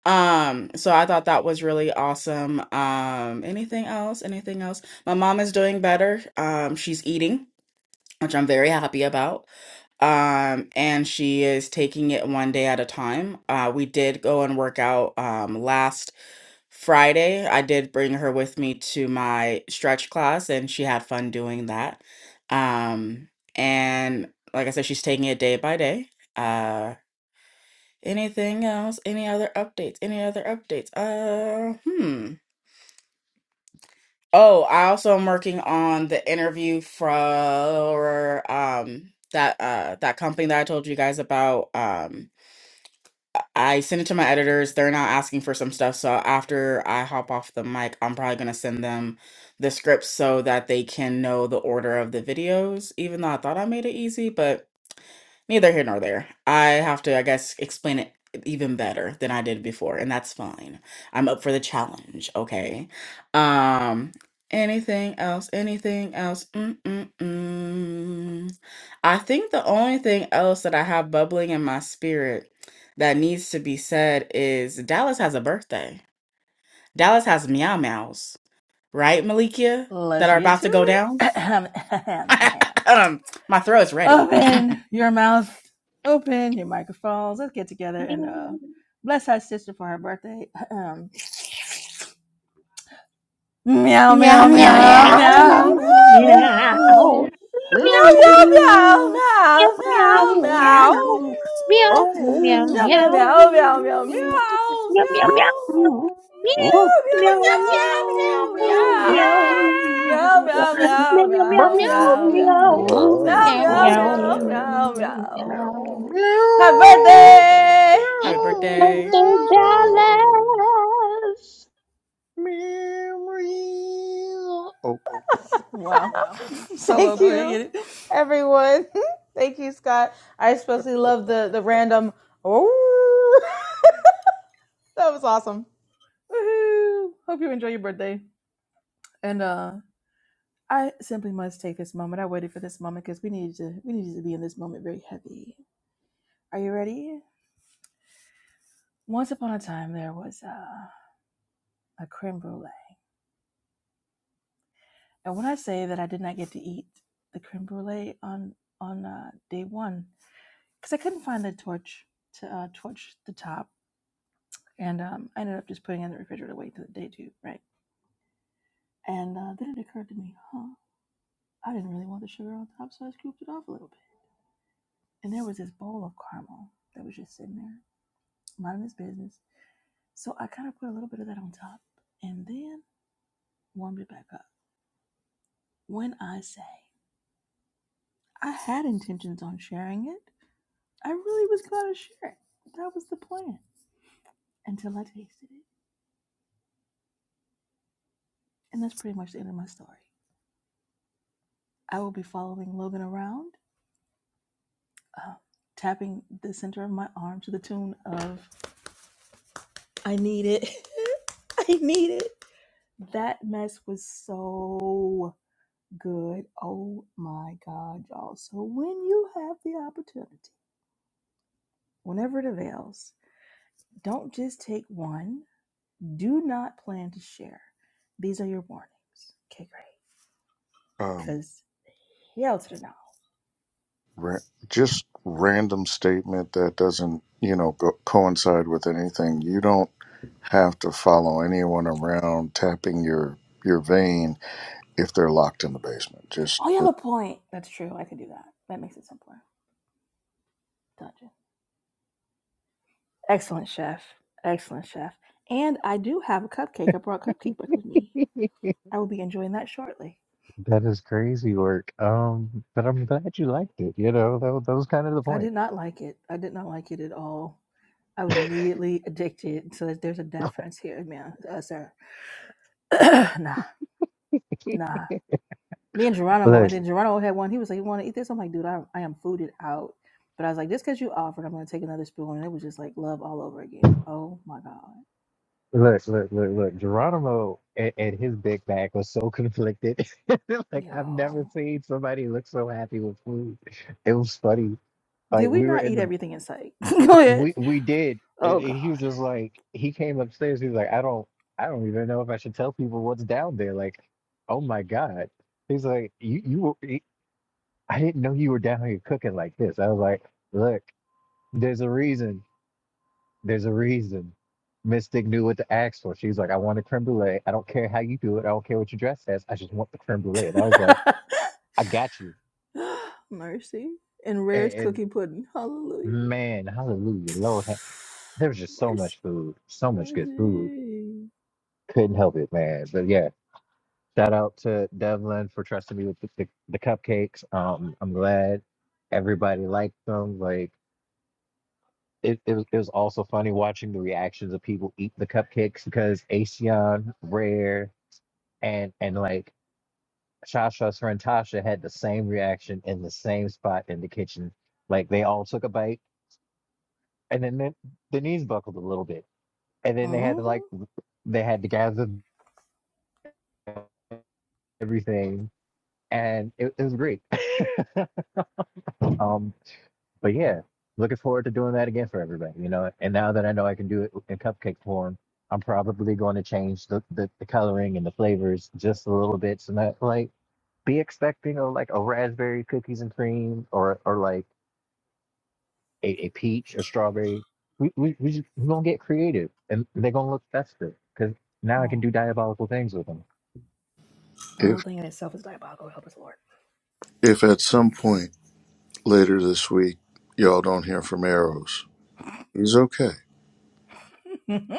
[SPEAKER 8] Um, so I thought that was really awesome. Um, anything else? Anything else? My mom is doing better. Um, she's eating, which I'm very happy about. Um, and she is taking it one day at a time. Uh, we did go and work out um last Friday. I did bring her with me to my stretch class and she had fun doing that. Um, and like I said, she's taking it day by day. Uh. Anything else? Any other updates? Any other updates? Uh, hmm. Oh, I also am working on the interview for um that uh that company that I told you guys about. Um, I sent it to my editors. They're now asking for some stuff, so after I hop off the mic, I'm probably gonna send them the scripts so that they can know the order of the videos. Even though I thought I made it easy, but. neither here nor there. I have to, I guess, explain it even better than I did before, and that's fine. I'm up for the challenge, okay? Um, anything else? Anything else? Mm-mm-mm. I think the only thing else that I have bubbling in my spirit that needs to be said is Dallas has a birthday. Dallas has meow meows, right, Malikia? That
[SPEAKER 2] Let's
[SPEAKER 8] are
[SPEAKER 2] get
[SPEAKER 8] about
[SPEAKER 2] to
[SPEAKER 8] to go
[SPEAKER 2] it.
[SPEAKER 8] down. um, my throat's ready. Meow,
[SPEAKER 2] open your mouth, open your microphones. Let's get together and uh, bless our sister for her birthday. meow, meow, meow,
[SPEAKER 3] meow,
[SPEAKER 2] meow,
[SPEAKER 3] meow,
[SPEAKER 2] meow,
[SPEAKER 1] Meow.
[SPEAKER 3] meow,
[SPEAKER 2] meow, meow,
[SPEAKER 3] meow.
[SPEAKER 2] meow, meow,
[SPEAKER 3] Meow, meow,
[SPEAKER 2] meow, meow. meow.
[SPEAKER 3] meow. Meow, meow,
[SPEAKER 2] Meow meow
[SPEAKER 3] meow.
[SPEAKER 2] meow meow meow meow meow meow
[SPEAKER 3] Meow, meow, meow, meow. Meow,
[SPEAKER 8] meow,
[SPEAKER 2] meow meow
[SPEAKER 8] meow,
[SPEAKER 3] meow, meow.
[SPEAKER 2] meow
[SPEAKER 8] meow.
[SPEAKER 2] meow meow
[SPEAKER 3] Meow, meow, meow,
[SPEAKER 2] meow meow meow
[SPEAKER 3] meow, meow. Meow,
[SPEAKER 2] meow meow
[SPEAKER 3] meow,
[SPEAKER 2] meow meow meow.
[SPEAKER 3] meow.
[SPEAKER 2] meow Happy birthday!
[SPEAKER 8] Happy
[SPEAKER 3] Happy
[SPEAKER 8] birthday.
[SPEAKER 3] birthday, Dallas.
[SPEAKER 1] Oh,
[SPEAKER 2] Wow,
[SPEAKER 4] Wow.
[SPEAKER 2] solo,
[SPEAKER 4] Thank
[SPEAKER 2] go ahead,
[SPEAKER 4] you,
[SPEAKER 2] get it.
[SPEAKER 4] everyone. Thank you, Scott. I especially love the the random. Oh, that was awesome.
[SPEAKER 2] Woohoo! Hope you enjoy your birthday and uh I simply must take this moment. I waited for this moment because we needed to we needed to be in this moment very heavy. Are you ready? Once upon a time there was uh, a creme brulee. And when I say that I did not get to eat the creme brulee on on uh, day one because I couldn't find the torch to uh, torch the top, and um, I ended up just putting it in the refrigerator waiting till the day two, right? And uh, then it occurred to me, huh? I didn't really want the sugar on top, so I scooped it off a little bit. And there was this bowl of caramel that was just sitting there, minding its business So I kind of put a little bit of that on top and then warmed it back up. When I say I had intentions on sharing it, I really was going to share it. That was the plan until I tasted it. And that's pretty much the end of my story. I will be following Logan around, uh, tapping the center of my arm to the tune of I Need It. I Need It. That mess was so good. Oh my God, y'all. So when you have the opportunity, whenever it avails. Don't just take one. Do not plan to share. These are your warnings. Okay, great.
[SPEAKER 1] um.
[SPEAKER 2] Because hell to the no.
[SPEAKER 1] ra- just random statement that doesn't, you know, go, coincide with anything. You don't have to follow anyone around tapping your your vein if they're locked in the basement. Just,
[SPEAKER 2] Oh, you have
[SPEAKER 1] just
[SPEAKER 2] a point. That's true. I could do that. That makes it simpler. Dungeon. Excellent, chef. Excellent, chef. And I do have a cupcake. I brought cupcake back with me. I will be enjoying that shortly.
[SPEAKER 5] that is crazy work. Um, but I'm glad you liked it. You know, that, was- that was kind of the
[SPEAKER 2] I
[SPEAKER 5] point.
[SPEAKER 2] did not like it. I did not like it at all. I was immediately addicted. So there's a difference here, man. Uh, sir. nah, nah. me and Geronimo,
[SPEAKER 5] Look.
[SPEAKER 2] and then Geronimo had one. He was like, "You want to eat this?" I'm like, "Dude, I, I am fooded out." But I was like, "Just because you offered, I'm gonna take another spoon." And it was just like love all over again. Oh my god,
[SPEAKER 5] Look, look, look, look. Geronimo and, and his big bag was so conflicted. Like I've never
[SPEAKER 2] yo,
[SPEAKER 5] seen somebody look so happy with food. It was funny.
[SPEAKER 2] did
[SPEAKER 5] Like
[SPEAKER 2] we
[SPEAKER 5] we were
[SPEAKER 2] not
[SPEAKER 5] in
[SPEAKER 2] eat
[SPEAKER 5] the
[SPEAKER 2] everything in sight? Go ahead.
[SPEAKER 5] we we did,
[SPEAKER 2] Oh
[SPEAKER 5] and,
[SPEAKER 2] god,
[SPEAKER 5] and he was just like he came upstairs. He was like, I don't I don't even know if I should tell people what's down there. Like, oh my God. He's like, you you were, I didn't know you were down here cooking like this. I was like, look, there's a reason. There's a reason. Mystic knew what to ask for. She's like, I want a creme brulee. I don't care how you do it. I don't care what your dress says. I just want the creme brulee. And I was like, I got you.
[SPEAKER 2] mercy and
[SPEAKER 5] And,
[SPEAKER 2] rare's
[SPEAKER 5] and
[SPEAKER 2] cookie pudding. Hallelujah,
[SPEAKER 5] man, hallelujah, Lord, there was just so
[SPEAKER 2] mercy,
[SPEAKER 5] much food, so much good food.
[SPEAKER 2] mercy.
[SPEAKER 5] Couldn't help it, man. But yeah, shout out to Devlin for trusting me with the, the, the cupcakes. Um, I'm glad everybody liked them. Like it, it, was, it was also funny watching the reactions of people eat the cupcakes because Asean, Rare, and and like Shasha's friend Tasha had the same reaction in the same spot in the kitchen. Like they all took a bite, and then the, the knees buckled a little bit, and then they had to
[SPEAKER 2] hmm
[SPEAKER 5] like they had to gather everything, and it, it was great. Um, but yeah, looking forward to doing that again for everybody, you know. And now that I know I can do it in cupcake form, I'm probably going to change the, the, the coloring and the flavors just a little bit, so not like be expecting of like a raspberry cookies and cream or or like a, a peach, a strawberry. We we we just, we're gonna get creative, and they're gonna look festive because now I can do diabolical things with them.
[SPEAKER 2] the
[SPEAKER 1] if
[SPEAKER 2] whole thing in itself is diabolical. Help us, Lord.
[SPEAKER 1] if at some point later this week y'all don't hear from Arrows, he's okay.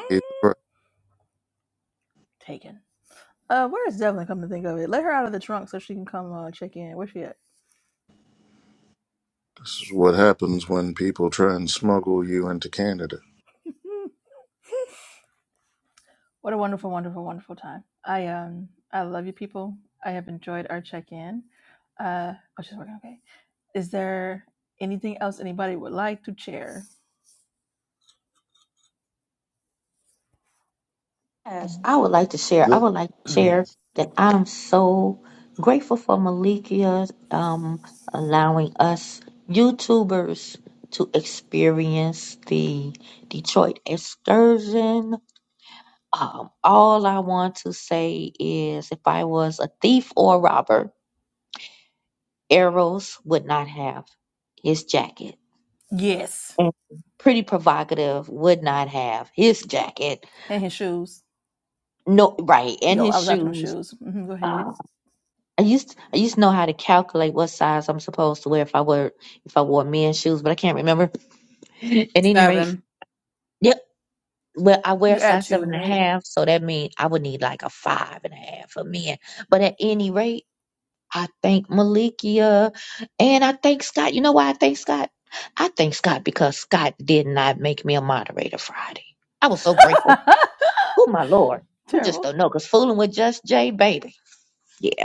[SPEAKER 1] He's all right.
[SPEAKER 2] Taken. Uh, where's Devlin? Come to think of it, let her out of the trunk so she can come uh, check in. Where's she at?
[SPEAKER 1] This is what happens when people try and smuggle you into Canada.
[SPEAKER 2] what a wonderful, wonderful, wonderful time. I um, I love you, people. I have enjoyed our check in. Uh, oh, she's working. Okay. Is there anything else anybody would like to share?
[SPEAKER 3] Yes,
[SPEAKER 2] Mhm.
[SPEAKER 3] I would like to share. I
[SPEAKER 6] The,
[SPEAKER 3] would like to share that I'm so grateful for Malikia um, allowing us YouTubers to experience the Detroit excursion. Um, all I want to say is if I was a thief or a robber, Eros would not have his jacket.
[SPEAKER 2] Yes,
[SPEAKER 3] And Pretty provocative would not have his jacket.
[SPEAKER 2] and his shoes.
[SPEAKER 3] No, right, and
[SPEAKER 2] Yo, I
[SPEAKER 3] his
[SPEAKER 2] was after them
[SPEAKER 3] shoes.
[SPEAKER 2] shoes. hmm go
[SPEAKER 3] Um,
[SPEAKER 2] ahead.
[SPEAKER 3] I used I used to know how to calculate what size I'm supposed to wear if I were if I wore men's shoes, but I can't remember. At any rate,
[SPEAKER 8] Seven.
[SPEAKER 3] yep. Well, I wear
[SPEAKER 2] You
[SPEAKER 3] a
[SPEAKER 2] add
[SPEAKER 3] size
[SPEAKER 2] two,
[SPEAKER 3] seven and a
[SPEAKER 2] right?
[SPEAKER 3] half, so that means I would need like a five and a half for men. But at any rate, I thank Malikia and I thank Scott. You know why I thank Scott? I thank Scott because Scott did not make me a moderator Friday. I was so grateful. Oh my lord, you just
[SPEAKER 2] Terrible.
[SPEAKER 3] don't know, cause fooling with just Jay, baby. Yeah.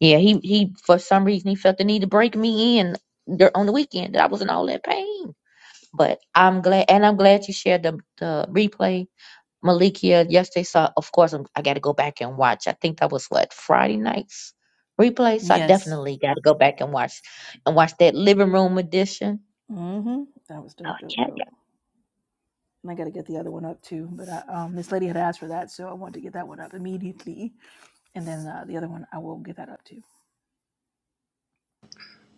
[SPEAKER 3] Yeah, he he for some reason he felt the need to break me in dur- on the weekend that I was in all that pain. But I'm glad, and I'm glad you shared the the replay, Malikia. Yesterday, so of course I'm, I got to go back and watch. I think that was what Friday night's replay. So I
[SPEAKER 2] Yes.
[SPEAKER 3] definitely got to go back and watch and watch that living room edition.
[SPEAKER 2] hmm That was
[SPEAKER 3] Oh
[SPEAKER 2] dope, dope,
[SPEAKER 3] yeah,
[SPEAKER 2] dope. and I got to get the other one up too. But I, um, this lady had asked for that, so I wanted to get that one up immediately, and then uh, the other one I will get that up too.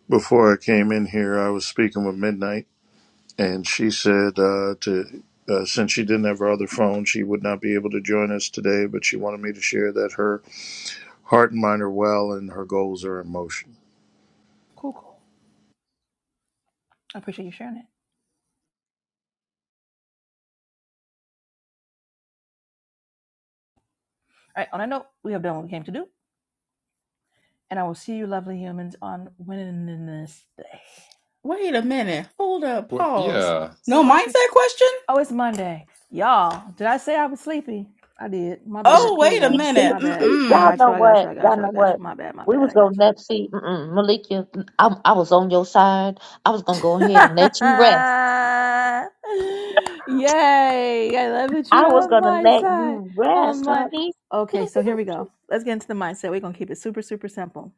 [SPEAKER 1] Before I came in here, I was speaking with Midnight and she said uh, to uh, since she didn't have her other phone, she would not be able to join us today, but she wanted me to share that her heart and mind are well and her goals are in motion.
[SPEAKER 2] Cool, cool. I appreciate you sharing it. All right. On that note, we have done what we came to do, and I will see you, lovely humans, on Wednesday.
[SPEAKER 8] Wait a minute. Hold up.
[SPEAKER 6] Well,
[SPEAKER 8] Pause.
[SPEAKER 6] yeah.
[SPEAKER 8] No
[SPEAKER 2] Wait, what? If you,
[SPEAKER 8] mindset question?
[SPEAKER 2] oh, it's Monday, y'all. Did I say I was sleepy? I did. My
[SPEAKER 3] yeah.
[SPEAKER 2] bad.
[SPEAKER 8] Oh,
[SPEAKER 2] Here we
[SPEAKER 8] wait a
[SPEAKER 3] He
[SPEAKER 2] go.
[SPEAKER 3] said,
[SPEAKER 8] minute.
[SPEAKER 2] My bad.
[SPEAKER 3] "See,
[SPEAKER 2] I
[SPEAKER 3] Y'all
[SPEAKER 8] Mm-mm.
[SPEAKER 2] got you.
[SPEAKER 3] know
[SPEAKER 2] I got you.
[SPEAKER 3] what?
[SPEAKER 2] I got
[SPEAKER 3] Y'all
[SPEAKER 2] you. I
[SPEAKER 3] know
[SPEAKER 2] got you.
[SPEAKER 3] what?
[SPEAKER 2] My bad. My
[SPEAKER 3] We
[SPEAKER 2] bad.
[SPEAKER 3] was
[SPEAKER 2] I got you.
[SPEAKER 3] gonna let see, mm-mm, Malikia. mm, I, I was on your side. I was gonna go ahead
[SPEAKER 2] Yay!
[SPEAKER 3] and let you rest.
[SPEAKER 2] I love that
[SPEAKER 3] I
[SPEAKER 2] you're
[SPEAKER 3] was
[SPEAKER 2] on
[SPEAKER 3] gonna
[SPEAKER 2] my
[SPEAKER 3] let
[SPEAKER 2] side.
[SPEAKER 3] you
[SPEAKER 2] On
[SPEAKER 3] rest,
[SPEAKER 2] my
[SPEAKER 3] honey.
[SPEAKER 2] okay, so here we go. Let's get into the mindset. We're gonna keep it super, super simple.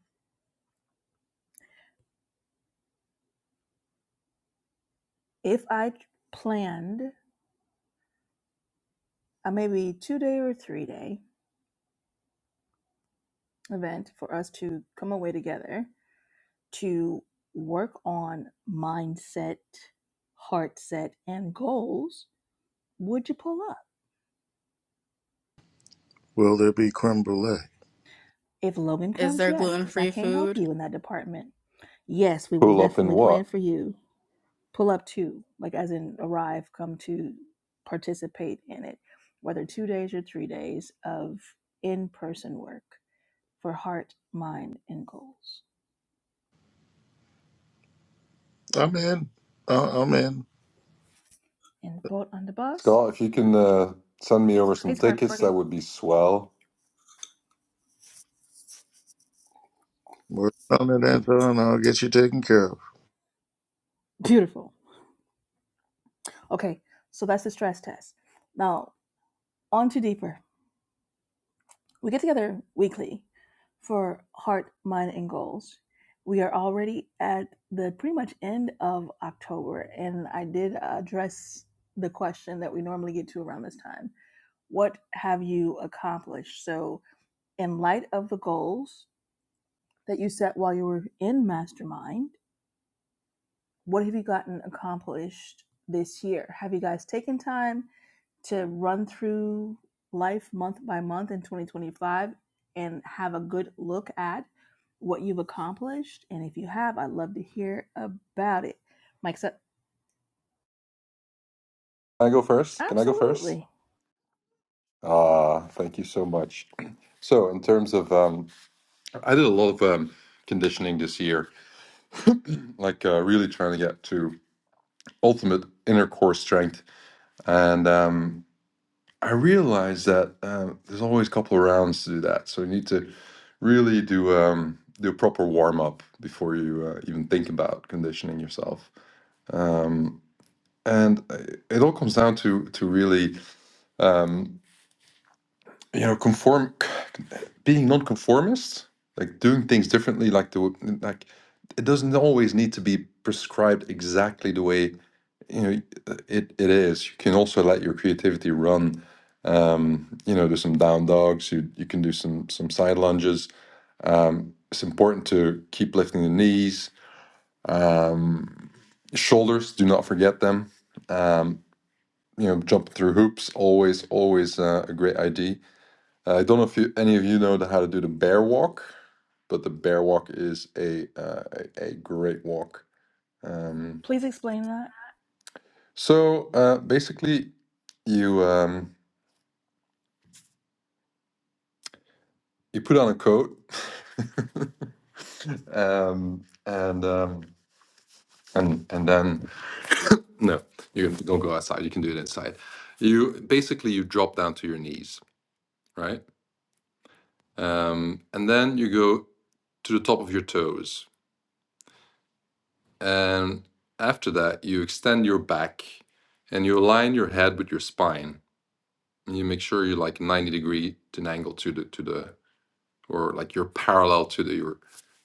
[SPEAKER 2] If I planned a maybe two day or three day event for us to come away together to work on mindset, heart set, and goals, would you pull up?
[SPEAKER 1] Will there be creme brulee?
[SPEAKER 2] If Logan
[SPEAKER 8] Is
[SPEAKER 2] comes,
[SPEAKER 8] there
[SPEAKER 2] yes, because I
[SPEAKER 8] gluten-free
[SPEAKER 2] can't help
[SPEAKER 8] food?
[SPEAKER 2] you in that department. Yes, we will
[SPEAKER 6] Pull up in
[SPEAKER 2] definitely plan
[SPEAKER 6] what?
[SPEAKER 2] for you pull up to, like as in arrive, come to participate in it, whether two days or three days of in person work for heart, mind, and goals.
[SPEAKER 1] I'm in. Uh, I'm in.
[SPEAKER 2] And boat on the bus.
[SPEAKER 6] Scott, if you can uh, send me over
[SPEAKER 2] Hey,
[SPEAKER 6] some
[SPEAKER 2] Scarf
[SPEAKER 6] tickets,
[SPEAKER 2] Burger.
[SPEAKER 6] that would be swell.
[SPEAKER 1] We're on it, Anton. I'll get you taken care of.
[SPEAKER 2] Beautiful. Okay, so that's the stress test. Now, on to deeper. We get together weekly for heart, mind, and goals. We are already at the pretty much end of October, and I did address the question that we normally get to around this time What have you accomplished? So, in light of the goals that you set while you were in Mastermind, what have you gotten accomplished this year? Have you guys taken time to run through life month by month in 2025 and have a good look at what you've accomplished? And if you have, I'd love to hear about it. Mike said,
[SPEAKER 6] Can I go first? Can I go first?
[SPEAKER 2] Absolutely.
[SPEAKER 6] Ah, thank you so much. So, in terms of, um, I did a lot of um, conditioning this year, like uh, really trying to get to ultimate inner core strength. And um, I realized that uh, there's always a couple of rounds to do that. So, you need to really do um, do a proper warm up before you uh, even think about conditioning yourself. Um, and uh, it all comes down to to really um, you know conform. being nonconformist, like doing things differently, like the like it doesn't always need to be prescribed exactly the way you know it, it is. You can also let your creativity run. Um, you know, do some down dogs. You you can do some some side lunges. Um, it's important to keep lifting the knees. Um, shoulders, do not forget them. Um, you know, jump through hoops, always, always uh, a great idea. Uh, I don't know if you, any of you know how to do the bear walk but the bear walk is a uh, a, great walk. Um,
[SPEAKER 2] Please explain that.
[SPEAKER 6] so uh, basically, you um, you put on a coat, um, and um, and and then no, you don't go outside. You can do it inside. You basically you drop down to your knees, right? Um, and then you go to the top of your toes, and after that you extend your back, and you align your head with your spine you make sure you're like 90 degree to an angle to the to the or like you're parallel to the your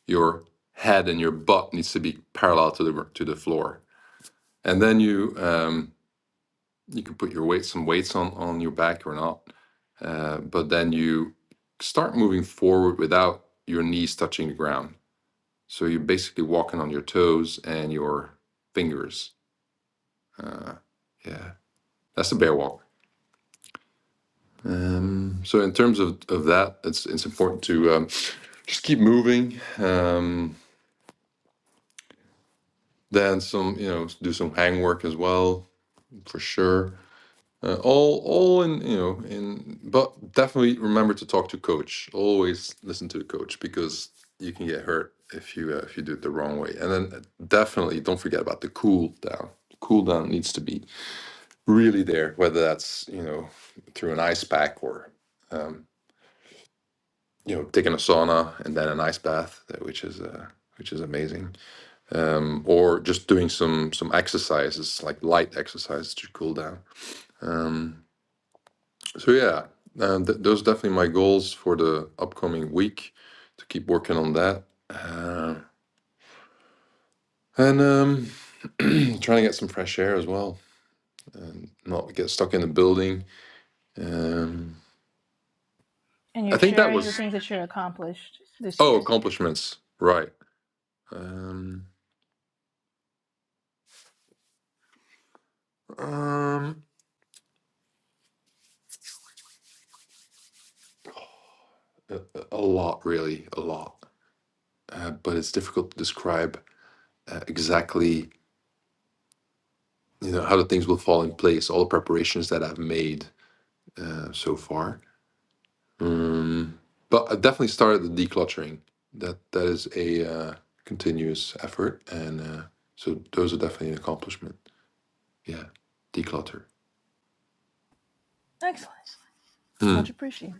[SPEAKER 6] your head and your butt needs to be parallel to the to the floor and then you um you can put your weight some weights on on your back or not uh, but then you start moving forward without your knees touching the ground so you're basically walking on your toes and your fingers uh, yeah that's a bear walk Um, so in terms of, of that, it's it's important to um, just keep moving. Um, then some, you know, do some hang work as well for sure. Uh, all all in you know in but definitely remember to talk to coach. Always listen to the coach because you can get hurt if you uh, if you do it the wrong way. And then uh, definitely don't forget about the cool down. The Cool down needs to be really there, whether that's you know through an ice pack or um, you know taking a sauna and then an ice bath uh, which is uh, which is amazing um, or just doing some some exercises like light exercises to cool down um, so yeah uh, th- those are definitely my goals for the upcoming week to keep working on that uh, and um, trying to get some fresh air as well and not get stuck in the building um,
[SPEAKER 2] And
[SPEAKER 6] i
[SPEAKER 2] you're
[SPEAKER 6] think that
[SPEAKER 2] sharing the
[SPEAKER 6] was
[SPEAKER 2] things that you're accomplished this
[SPEAKER 6] oh
[SPEAKER 2] year.
[SPEAKER 6] accomplishments right um, um, a, a- lot, really, a lot. Uh, but it's difficult to describe uh, exactly, you know, how the things will fall in place, all the preparations that I've made uh, so far. Um, but I definitely started the decluttering. That that is a uh, continuous effort, and uh, so those are definitely an accomplishment. Yeah, declutter.
[SPEAKER 2] Excellent.
[SPEAKER 6] Hmm.
[SPEAKER 2] Much appreciated.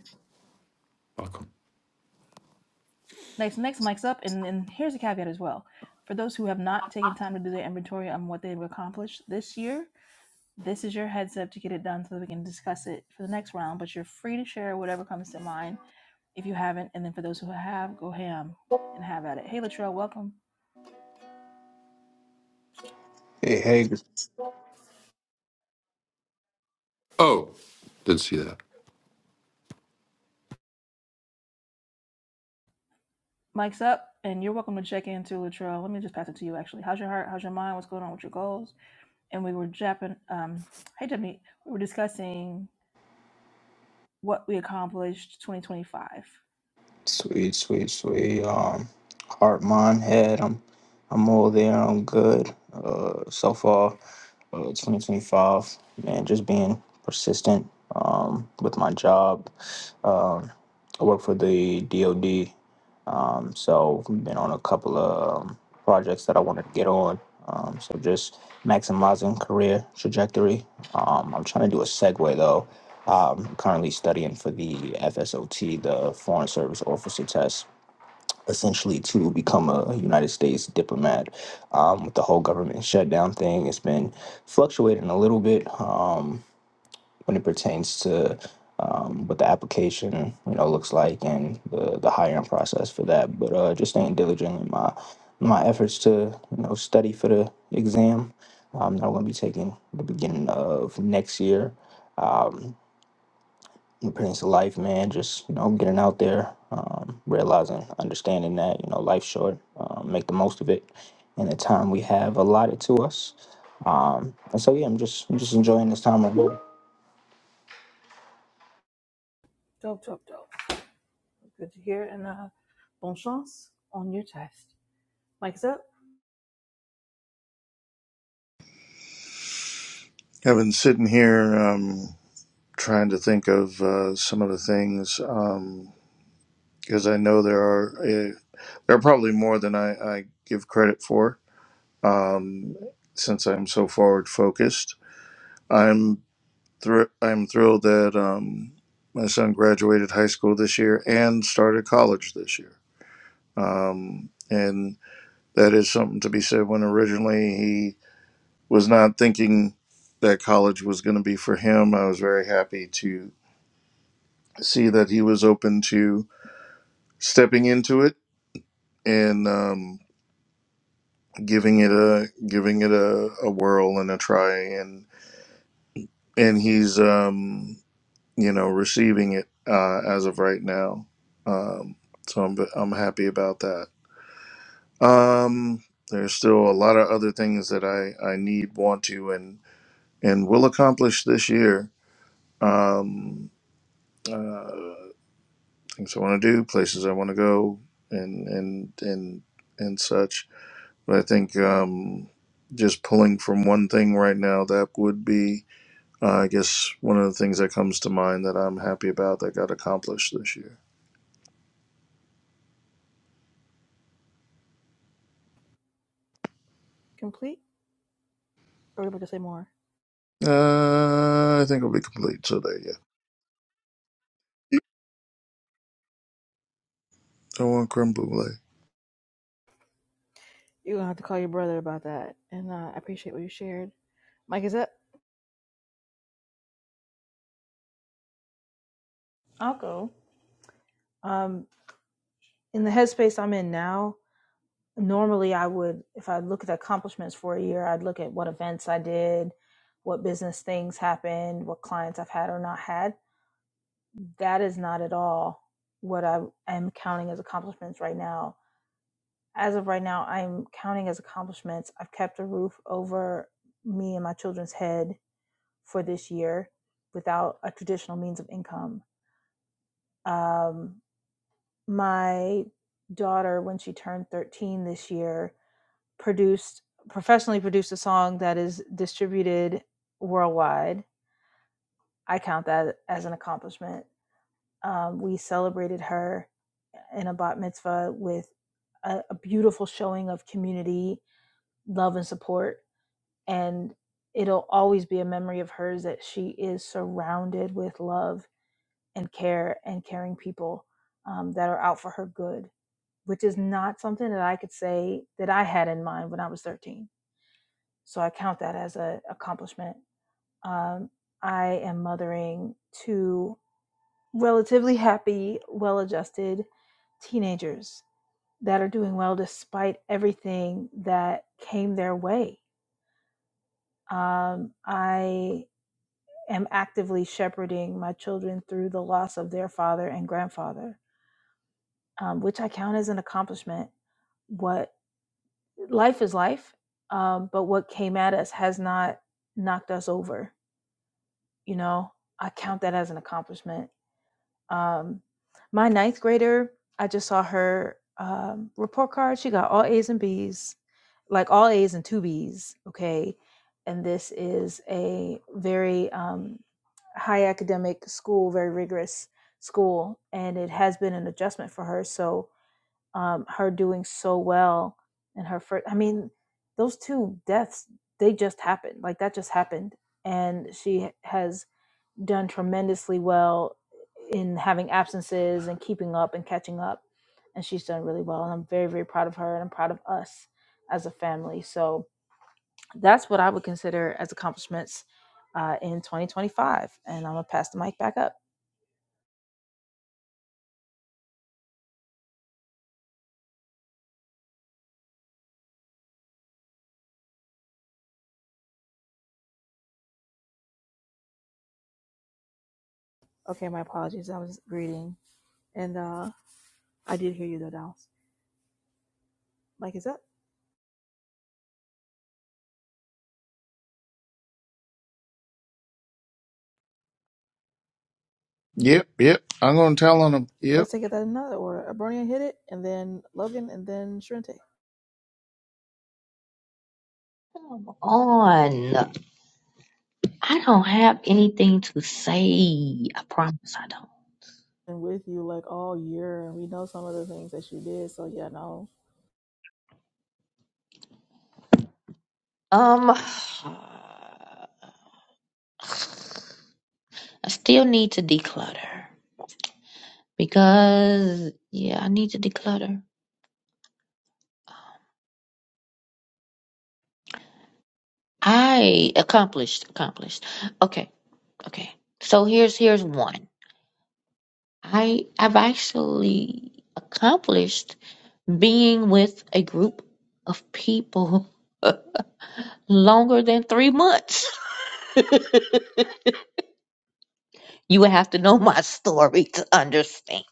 [SPEAKER 6] Welcome.
[SPEAKER 2] Next, next, Mike's up. And, and here's a caveat as well. For those who have not taken time to do their inventory on what they've accomplished this year, This is your heads up to get it done so that we can discuss it for the next round, but you're free to share whatever comes to mind if you haven't. And then for those who have, go ham and have at it. Hey, Latrell, welcome.
[SPEAKER 9] Hey, hey, g-
[SPEAKER 6] Oh, didn't see that.
[SPEAKER 2] Mike's up, and you're welcome to check in too, Latrell. Let me just pass it to you, actually. How's your heart? How's your mind? What's going on with your goals? And we were japping, um, hey, Jimmy, we were discussing what we accomplished 2025.
[SPEAKER 9] sweet, sweet, sweet. Um, heart, mind, head. I'm, I'm all there. I'm good. Uh, so far, uh, 2025. Man, just being persistent. Um, with my job. Um, I work for the DoD. Um, so I've been on a couple of um, projects that I wanted to get on. Um, so just maximizing career trajectory. Um, I'm trying to do a segue though. um, currently studying for the FSOT, the Foreign Service Officer Test, essentially to become a United States diplomat. Um, with the whole government shutdown thing, it's been fluctuating a little bit um, when it pertains to um, what the application you know looks like and the, the hiring process for that. But uh, just staying diligent in my my efforts to you know study for the exam. Um, that I'm going to be taking the beginning of next year Um, appearance of life, man. Just you know, getting out there, um, realizing, understanding that you know life's short. Um, make the most of it in the time we have allotted to us. Um, and so yeah, I'm just I'm just enjoying this time. Right now.
[SPEAKER 2] Dope, dope, dope. Good to hear. And uh, bon chance on your test. Mike's up,
[SPEAKER 1] I've been sitting here um, trying to think of uh, some of the things because I know there are uh, there are probably more than I, I give credit for um, since I'm so forward focused I'm thr- I'm thrilled that um, my son graduated high school this year and started college this year. Um, and that is something to be said when originally he was not thinking that college was going to be for him. I was very happy to see that he was open to stepping into it and um, giving it a giving it a, a whirl and a try and and he's um you know, receiving it uh, as of right now. Um, so I'm I'm happy about that. Um, there's still a lot of other things that I, I need, want to, and and will accomplish this year. Um, uh, things I want to do, places I want to go, and and and and such. But I think um, just pulling from one thing right now that would be, uh, I guess, one of the things that comes to mind that I'm happy about that got accomplished this year.
[SPEAKER 2] complete, or are we about to say more?
[SPEAKER 1] Uh, I think it'll be complete today. Yeah. I want creme brulee.
[SPEAKER 2] You're gonna have to call your brother about that. And uh, I appreciate what you shared. Mike is up.
[SPEAKER 4] I'll go. Um, in the headspace I'm in now, normally I would, if I look at accomplishments for a year, I'd look at what events I did, what business things happened, what clients I've had or not had. That is not at all what I am counting as accomplishments right now as of right now, I'm counting as accomplishments. I've kept a roof over me and my children's head for this year without a traditional means of income. Um, my daughter, when she turned 13 this year, produced professionally produced a song that is distributed worldwide. I count that as an accomplishment. Um, we celebrated her in a bat mitzvah with a, a beautiful showing of community, love, and support and it'll always be a memory of hers that she is surrounded with love and care and caring people um, that are out for her good which is not something that i could say that i had in mind when i was 13 so i count that as an accomplishment um, i am mothering two relatively happy well-adjusted teenagers that are doing well despite everything that came their way um, i am actively shepherding my children through the loss of their father and grandfather, um, which I count as an accomplishment. What life is life, um, but what came at us has not knocked us over. You know, I count that as an accomplishment Um, my ninth grader, I just saw her um, report card. She got all A's and B's, like all A's and two B's. Okay. And this is a very um, high academic school, very rigorous school. And it has been an adjustment for her. So um, her doing so well in her first, I mean, those two deaths, they just happened. Like that just happened. And she has done tremendously well in having absences and keeping up and catching up. And she's done really well. And I'm very, very proud of her and I'm proud of us as a family. So that's what I would consider as accomplishments uh, in 2025. And I'm going to pass the mic back up.
[SPEAKER 2] Okay, my apologies. I was greeting, and uh, I did hear you though, Dallas. Mike is up.
[SPEAKER 1] Yep, yep. I'm gonna tell on them. Yep.
[SPEAKER 2] Let's take it that another order. Abronia hit it, and then Logan, and then Shrente.
[SPEAKER 3] Come on. I don't have anything to say. I promise I don't.
[SPEAKER 2] Been with you like all year, and we know some of the things that you did. So yeah, no,
[SPEAKER 3] Um, I still need to declutter because, yeah, I need to declutter. I accomplished, accomplished. Okay, okay. So here's here's one. I I've actually accomplished being with a group of people longer than three months. you would have to know my story to understand.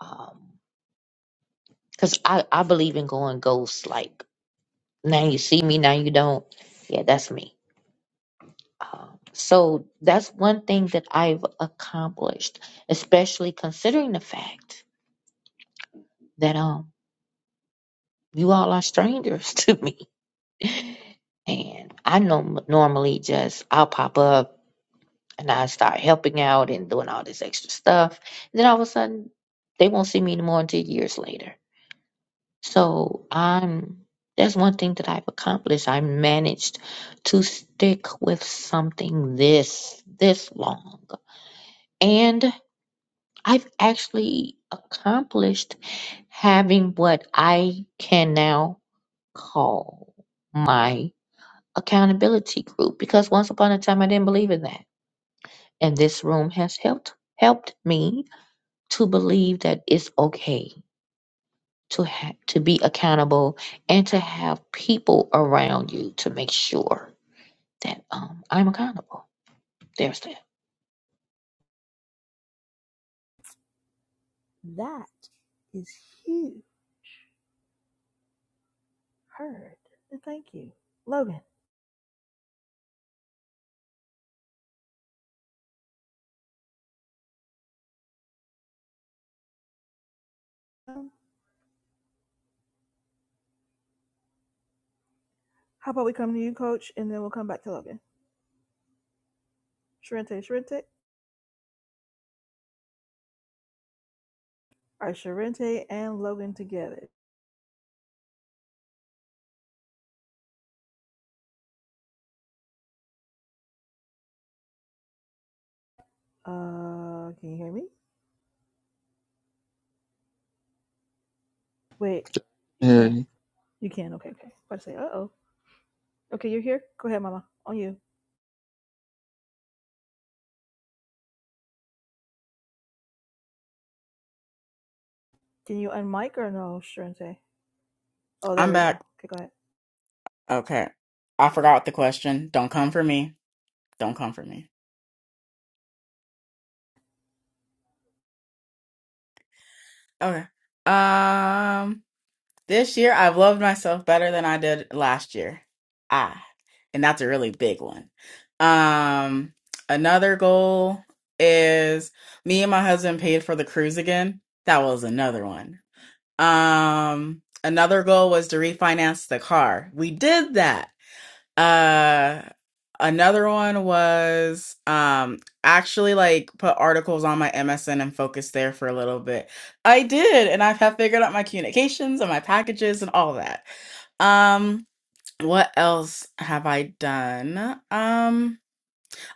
[SPEAKER 3] Um, cause I, I believe in going ghost. Like now you see me, now you don't. Yeah, that's me. Um, so that's one thing that I've accomplished, especially considering the fact that um you all are strangers to me, and I know normally just I'll pop up and I start helping out and doing all this extra stuff. And then all of a sudden, they won't see me anymore until years later. So I'm that's one thing that I've accomplished. I managed to stick with something this this long, and I've actually accomplished having what I can now call my accountability group because once upon a time I didn't believe in that, and this room has helped helped me to believe that it's okay to ha- to be accountable and to have people around you to make sure that um, I'm accountable. There's that.
[SPEAKER 2] That is huge. Heard. Thank you, Logan. Um, how about we come to you, Coach, and then we'll come back to Logan. Sharente, Sharente. All right, Sharente and Logan together. Uh, can you hear me? Wait, you
[SPEAKER 1] Yeah,
[SPEAKER 2] can. You can. Okay, okay. I say, uh oh. Okay, you're here. Go ahead, Mama. On you. Can you unmic or no, Sharente? Oh, there
[SPEAKER 8] I'm
[SPEAKER 2] we go.
[SPEAKER 8] back.
[SPEAKER 2] Okay, go ahead.
[SPEAKER 8] Okay. I forgot the question. Don't come for me. Don't come for me. Okay. Um, this year I've loved myself better than I did last year. Ah, and that's a really big one. Um, another goal is me and my husband paid for the cruise again. That was another one. Um, another goal was to refinance the car. We did that. Uh, another one was um actually like put articles on my MSN and focus there for a little bit. I did, and I have figured out my communications and my packages and all that. Um, what else have I done? Um,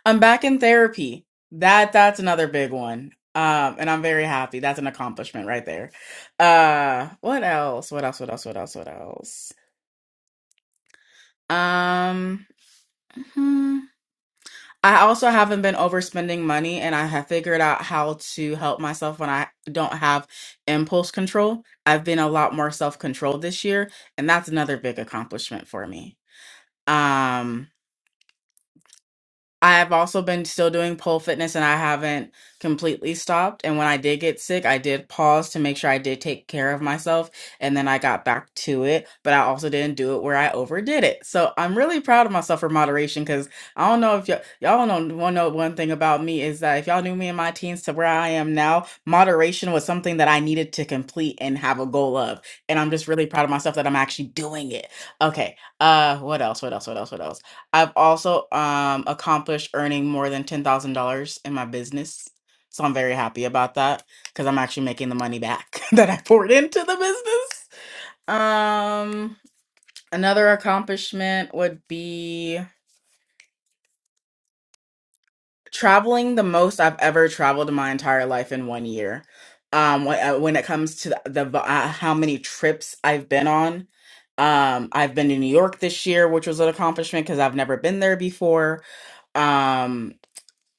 [SPEAKER 8] I'm back in therapy. That that's another big one. Um, and I'm very happy. That's an accomplishment right there. Uh, what else? What else? What else? What else? What else? Um, hmm. I also haven't been overspending money, and I have figured out how to help myself when I don't have impulse control. I've been a lot more self-controlled this year, and that's another big accomplishment for me. Um, I have also been still doing pole fitness and I haven't completely stopped. And when I did get sick, I did pause to make sure I did take care of myself and then I got back to it. But I also didn't do it where I overdid it. So I'm really proud of myself for moderation because I don't know if y'all, y'all don't know, wanna know one thing about me is that if y'all knew me in my teens to where I am now, moderation was something that I needed to complete and have a goal of. And I'm just really proud of myself that I'm actually doing it. Okay. Uh, what else? What else? What else? What else? I've also um, accomplished earning more than ten thousand dollars in my business, so I'm very happy about that because I'm actually making the money back that I poured into the business. Um, another accomplishment would be traveling the most I've ever traveled in my entire life in one year. Um, when, uh, when it comes to the, the uh, how many trips I've been on, um, I've been to New York this year, which was an accomplishment because I've never been there before. Um,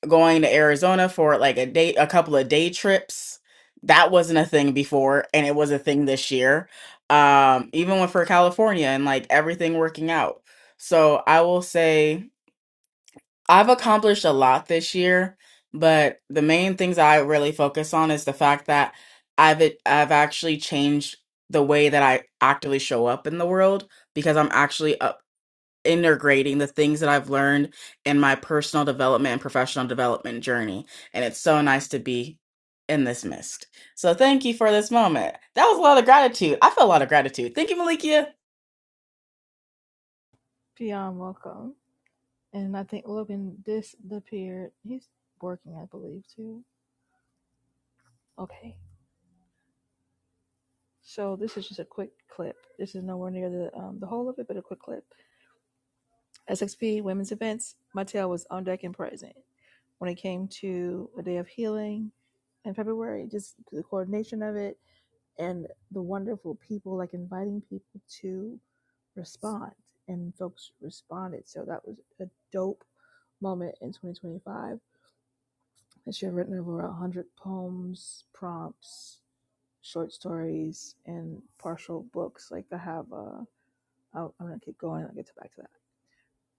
[SPEAKER 8] going to Arizona for like a day, a couple of day trips. That wasn't a thing before, and it was a thing this year. Um, even when for California and like everything working out. So I will say I've accomplished a lot this year, but the main things I really focus on is the fact that I've it- I've actually changed the way that I actively show up in the world because I'm actually uh, integrating the things that I've learned in my personal development and professional development journey. And it's so nice to be in this mist. So thank you for this moment. That was a lot of gratitude. I feel a lot of gratitude. Thank you, Malikia.
[SPEAKER 2] Beyond welcome. And I think Logan disappeared. He's working, I believe, too. Okay. So this is just a quick clip. This is nowhere near the um, the whole of it, but a quick clip. SXP Women's Events, Mattel was on deck and present when it came to a day of healing in February. Just the coordination of it and the wonderful people, like inviting people to respond, and folks responded. So that was a dope moment in 2025. And she had written over a hundred poems, prompts, short stories, and partial books. Like I have. a. uh, I'll, I'm going to keep going. I'll get to back to that.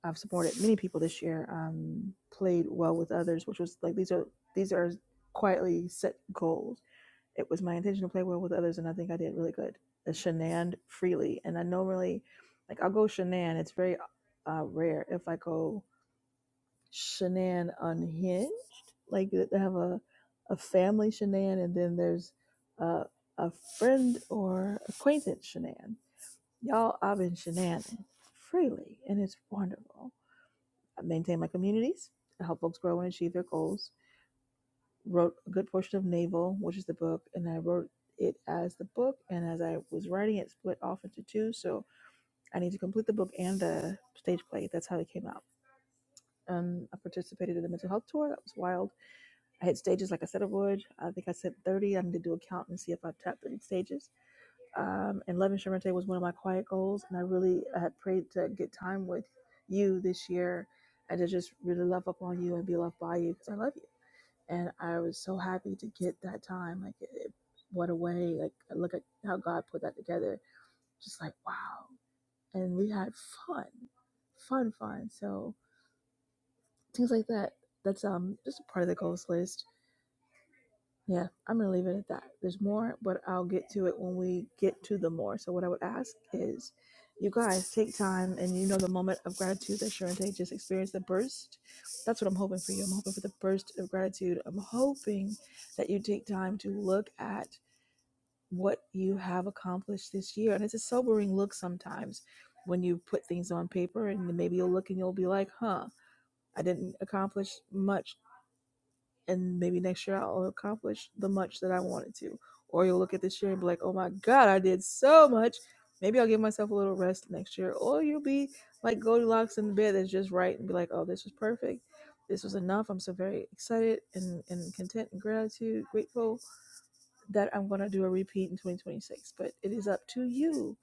[SPEAKER 2] I've supported many people this year. Um, played well with others, which was like these are these are quietly set goals. It was my intention to play well with others, and I think I did really good. I shenaned freely, and I normally like I'll go shenan. It's very uh, rare if I go shenan unhinged. Like th- they have a a family shenan, and then there's uh, a friend or acquaintance shenan Y'all, I've been shenanigans freely, and it's wonderful. I maintain my communities. I help folks grow and achieve their goals. Wrote a good portion of Naval, which is the book, and I wrote it as the book. And as I was writing it, split off into two. So I need to complete the book and the stage play. That's how it came out. Um, I participated in the mental health tour. That was wild. I hit stages like I said I would. I think I said 30. I need to do a count and see if I've tapped 30 stages um, and loving Sharente was one of my quiet goals. And I really I had prayed to get time with you this year and to just really love up on you and be loved by you because I love you. And I was so happy to get that time. Like, it, it- what a way. Like, I look at how God put that together. Just like, wow. And we had fun, fun, fun. So, things like that. That's um just a part of the goals list. Yeah, I'm gonna leave it at that. There's more, but I'll get to it when we get to the more. So what I would ask is, you guys take time, and you know the moment of gratitude that Sharente just experienced, the burst. That's what I'm hoping for you. I'm hoping for the burst of gratitude. I'm hoping that you take time to look at what you have accomplished this year, and it's a sobering look sometimes when you put things on paper, and then maybe you'll look and you'll be like, "Huh, I didn't accomplish much." and maybe next year I'll accomplish the much that I wanted to. Or you'll look at this year and be like, oh my God, I did so much. Maybe I'll give myself a little rest next year. Or you'll be like Goldilocks in the bed that's just right and be like, oh, this was perfect. This was enough. I'm so very excited and, and content and gratitude, grateful that I'm going to do a repeat in 2026, but it is up to you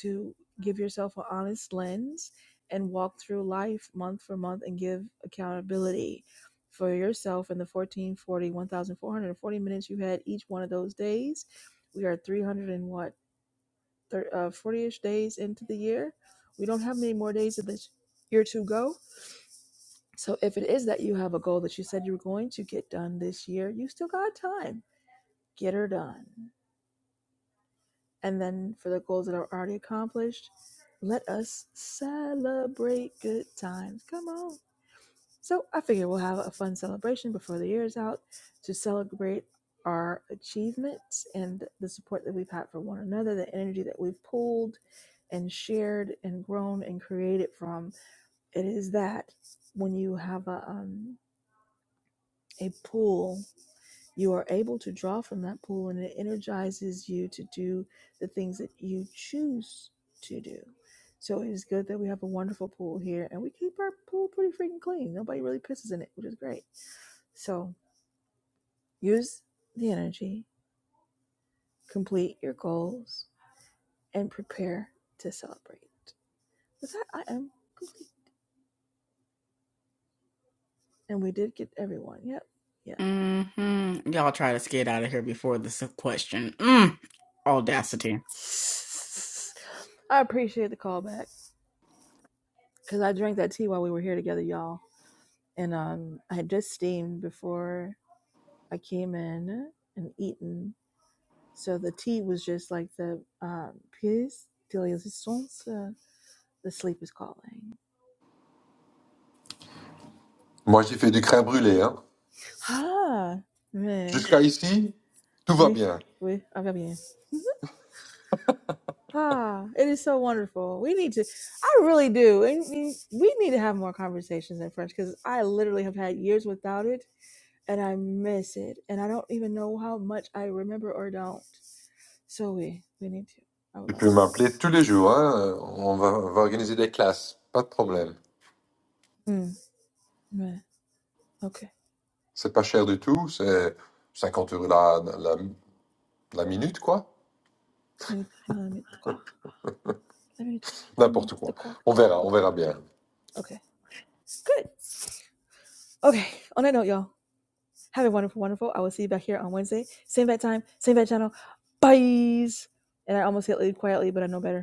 [SPEAKER 2] to give yourself an honest lens and walk through life month for month and give accountability for yourself in the 1440, 1440 minutes you had each one of those days. We are 300 and what, thir- uh, 40 ish days into the year. We don't have many more days of this year to go. So if it is that you have a goal that you said you were going to get done this year, you still got time. Get her done. And then for the goals that are already accomplished, let us celebrate good times. Come on. So I figure we'll have a fun celebration before the year is out to celebrate our achievements and the support that we've had for one another, the energy that we've pulled and shared and grown and created from. It is that when you have a um, a pool you are able to draw from that pool and it energizes you to do the things that you choose to do. So it is good that we have a wonderful pool here and we keep our pool pretty freaking clean. Nobody really pisses in it, which is great. So use the energy, complete your goals, and prepare to celebrate. With that, I am complete. And we did get everyone. Yep. Yep.
[SPEAKER 8] hmm Y'all try to skate out of here before this question. Mm. Audacity.
[SPEAKER 2] I appreciate the callback because I drank that tea while we were here together, y'all and um, I had just steamed before I came in and eaten. So the tea was just like the um, pièce de résistance. uh, The sleep is calling.
[SPEAKER 6] Moi, j'ai fait du crème brûlée. Hein.
[SPEAKER 2] Ah, man,
[SPEAKER 6] Jusqu'à ici, tout va
[SPEAKER 2] we
[SPEAKER 6] bien.
[SPEAKER 2] we I'm bien. Ah, it is so wonderful. We need to. I really do. And we need to have more conversations in French because I literally have had years without it, and I miss it, and I don't even know how much I remember or don't. So we we need to. I would
[SPEAKER 6] Tu
[SPEAKER 2] love
[SPEAKER 6] peux m'appeler tous les jours, hein. On va, on va organiser des classes, pas de problème.
[SPEAKER 2] to. Mm. Okay.
[SPEAKER 6] C'est pas cher du tout, c'est cinquante euros la, la, la minute, quoi.
[SPEAKER 2] Okay. Good.
[SPEAKER 6] N'importe quoi. On verra, on verra bien.
[SPEAKER 2] Okay. On that note, y'all, have a wonderful, wonderful. I will see you back here on Wednesday. Same bad time, same bad channel. Bye. And I almost said leave quietly, but I know better.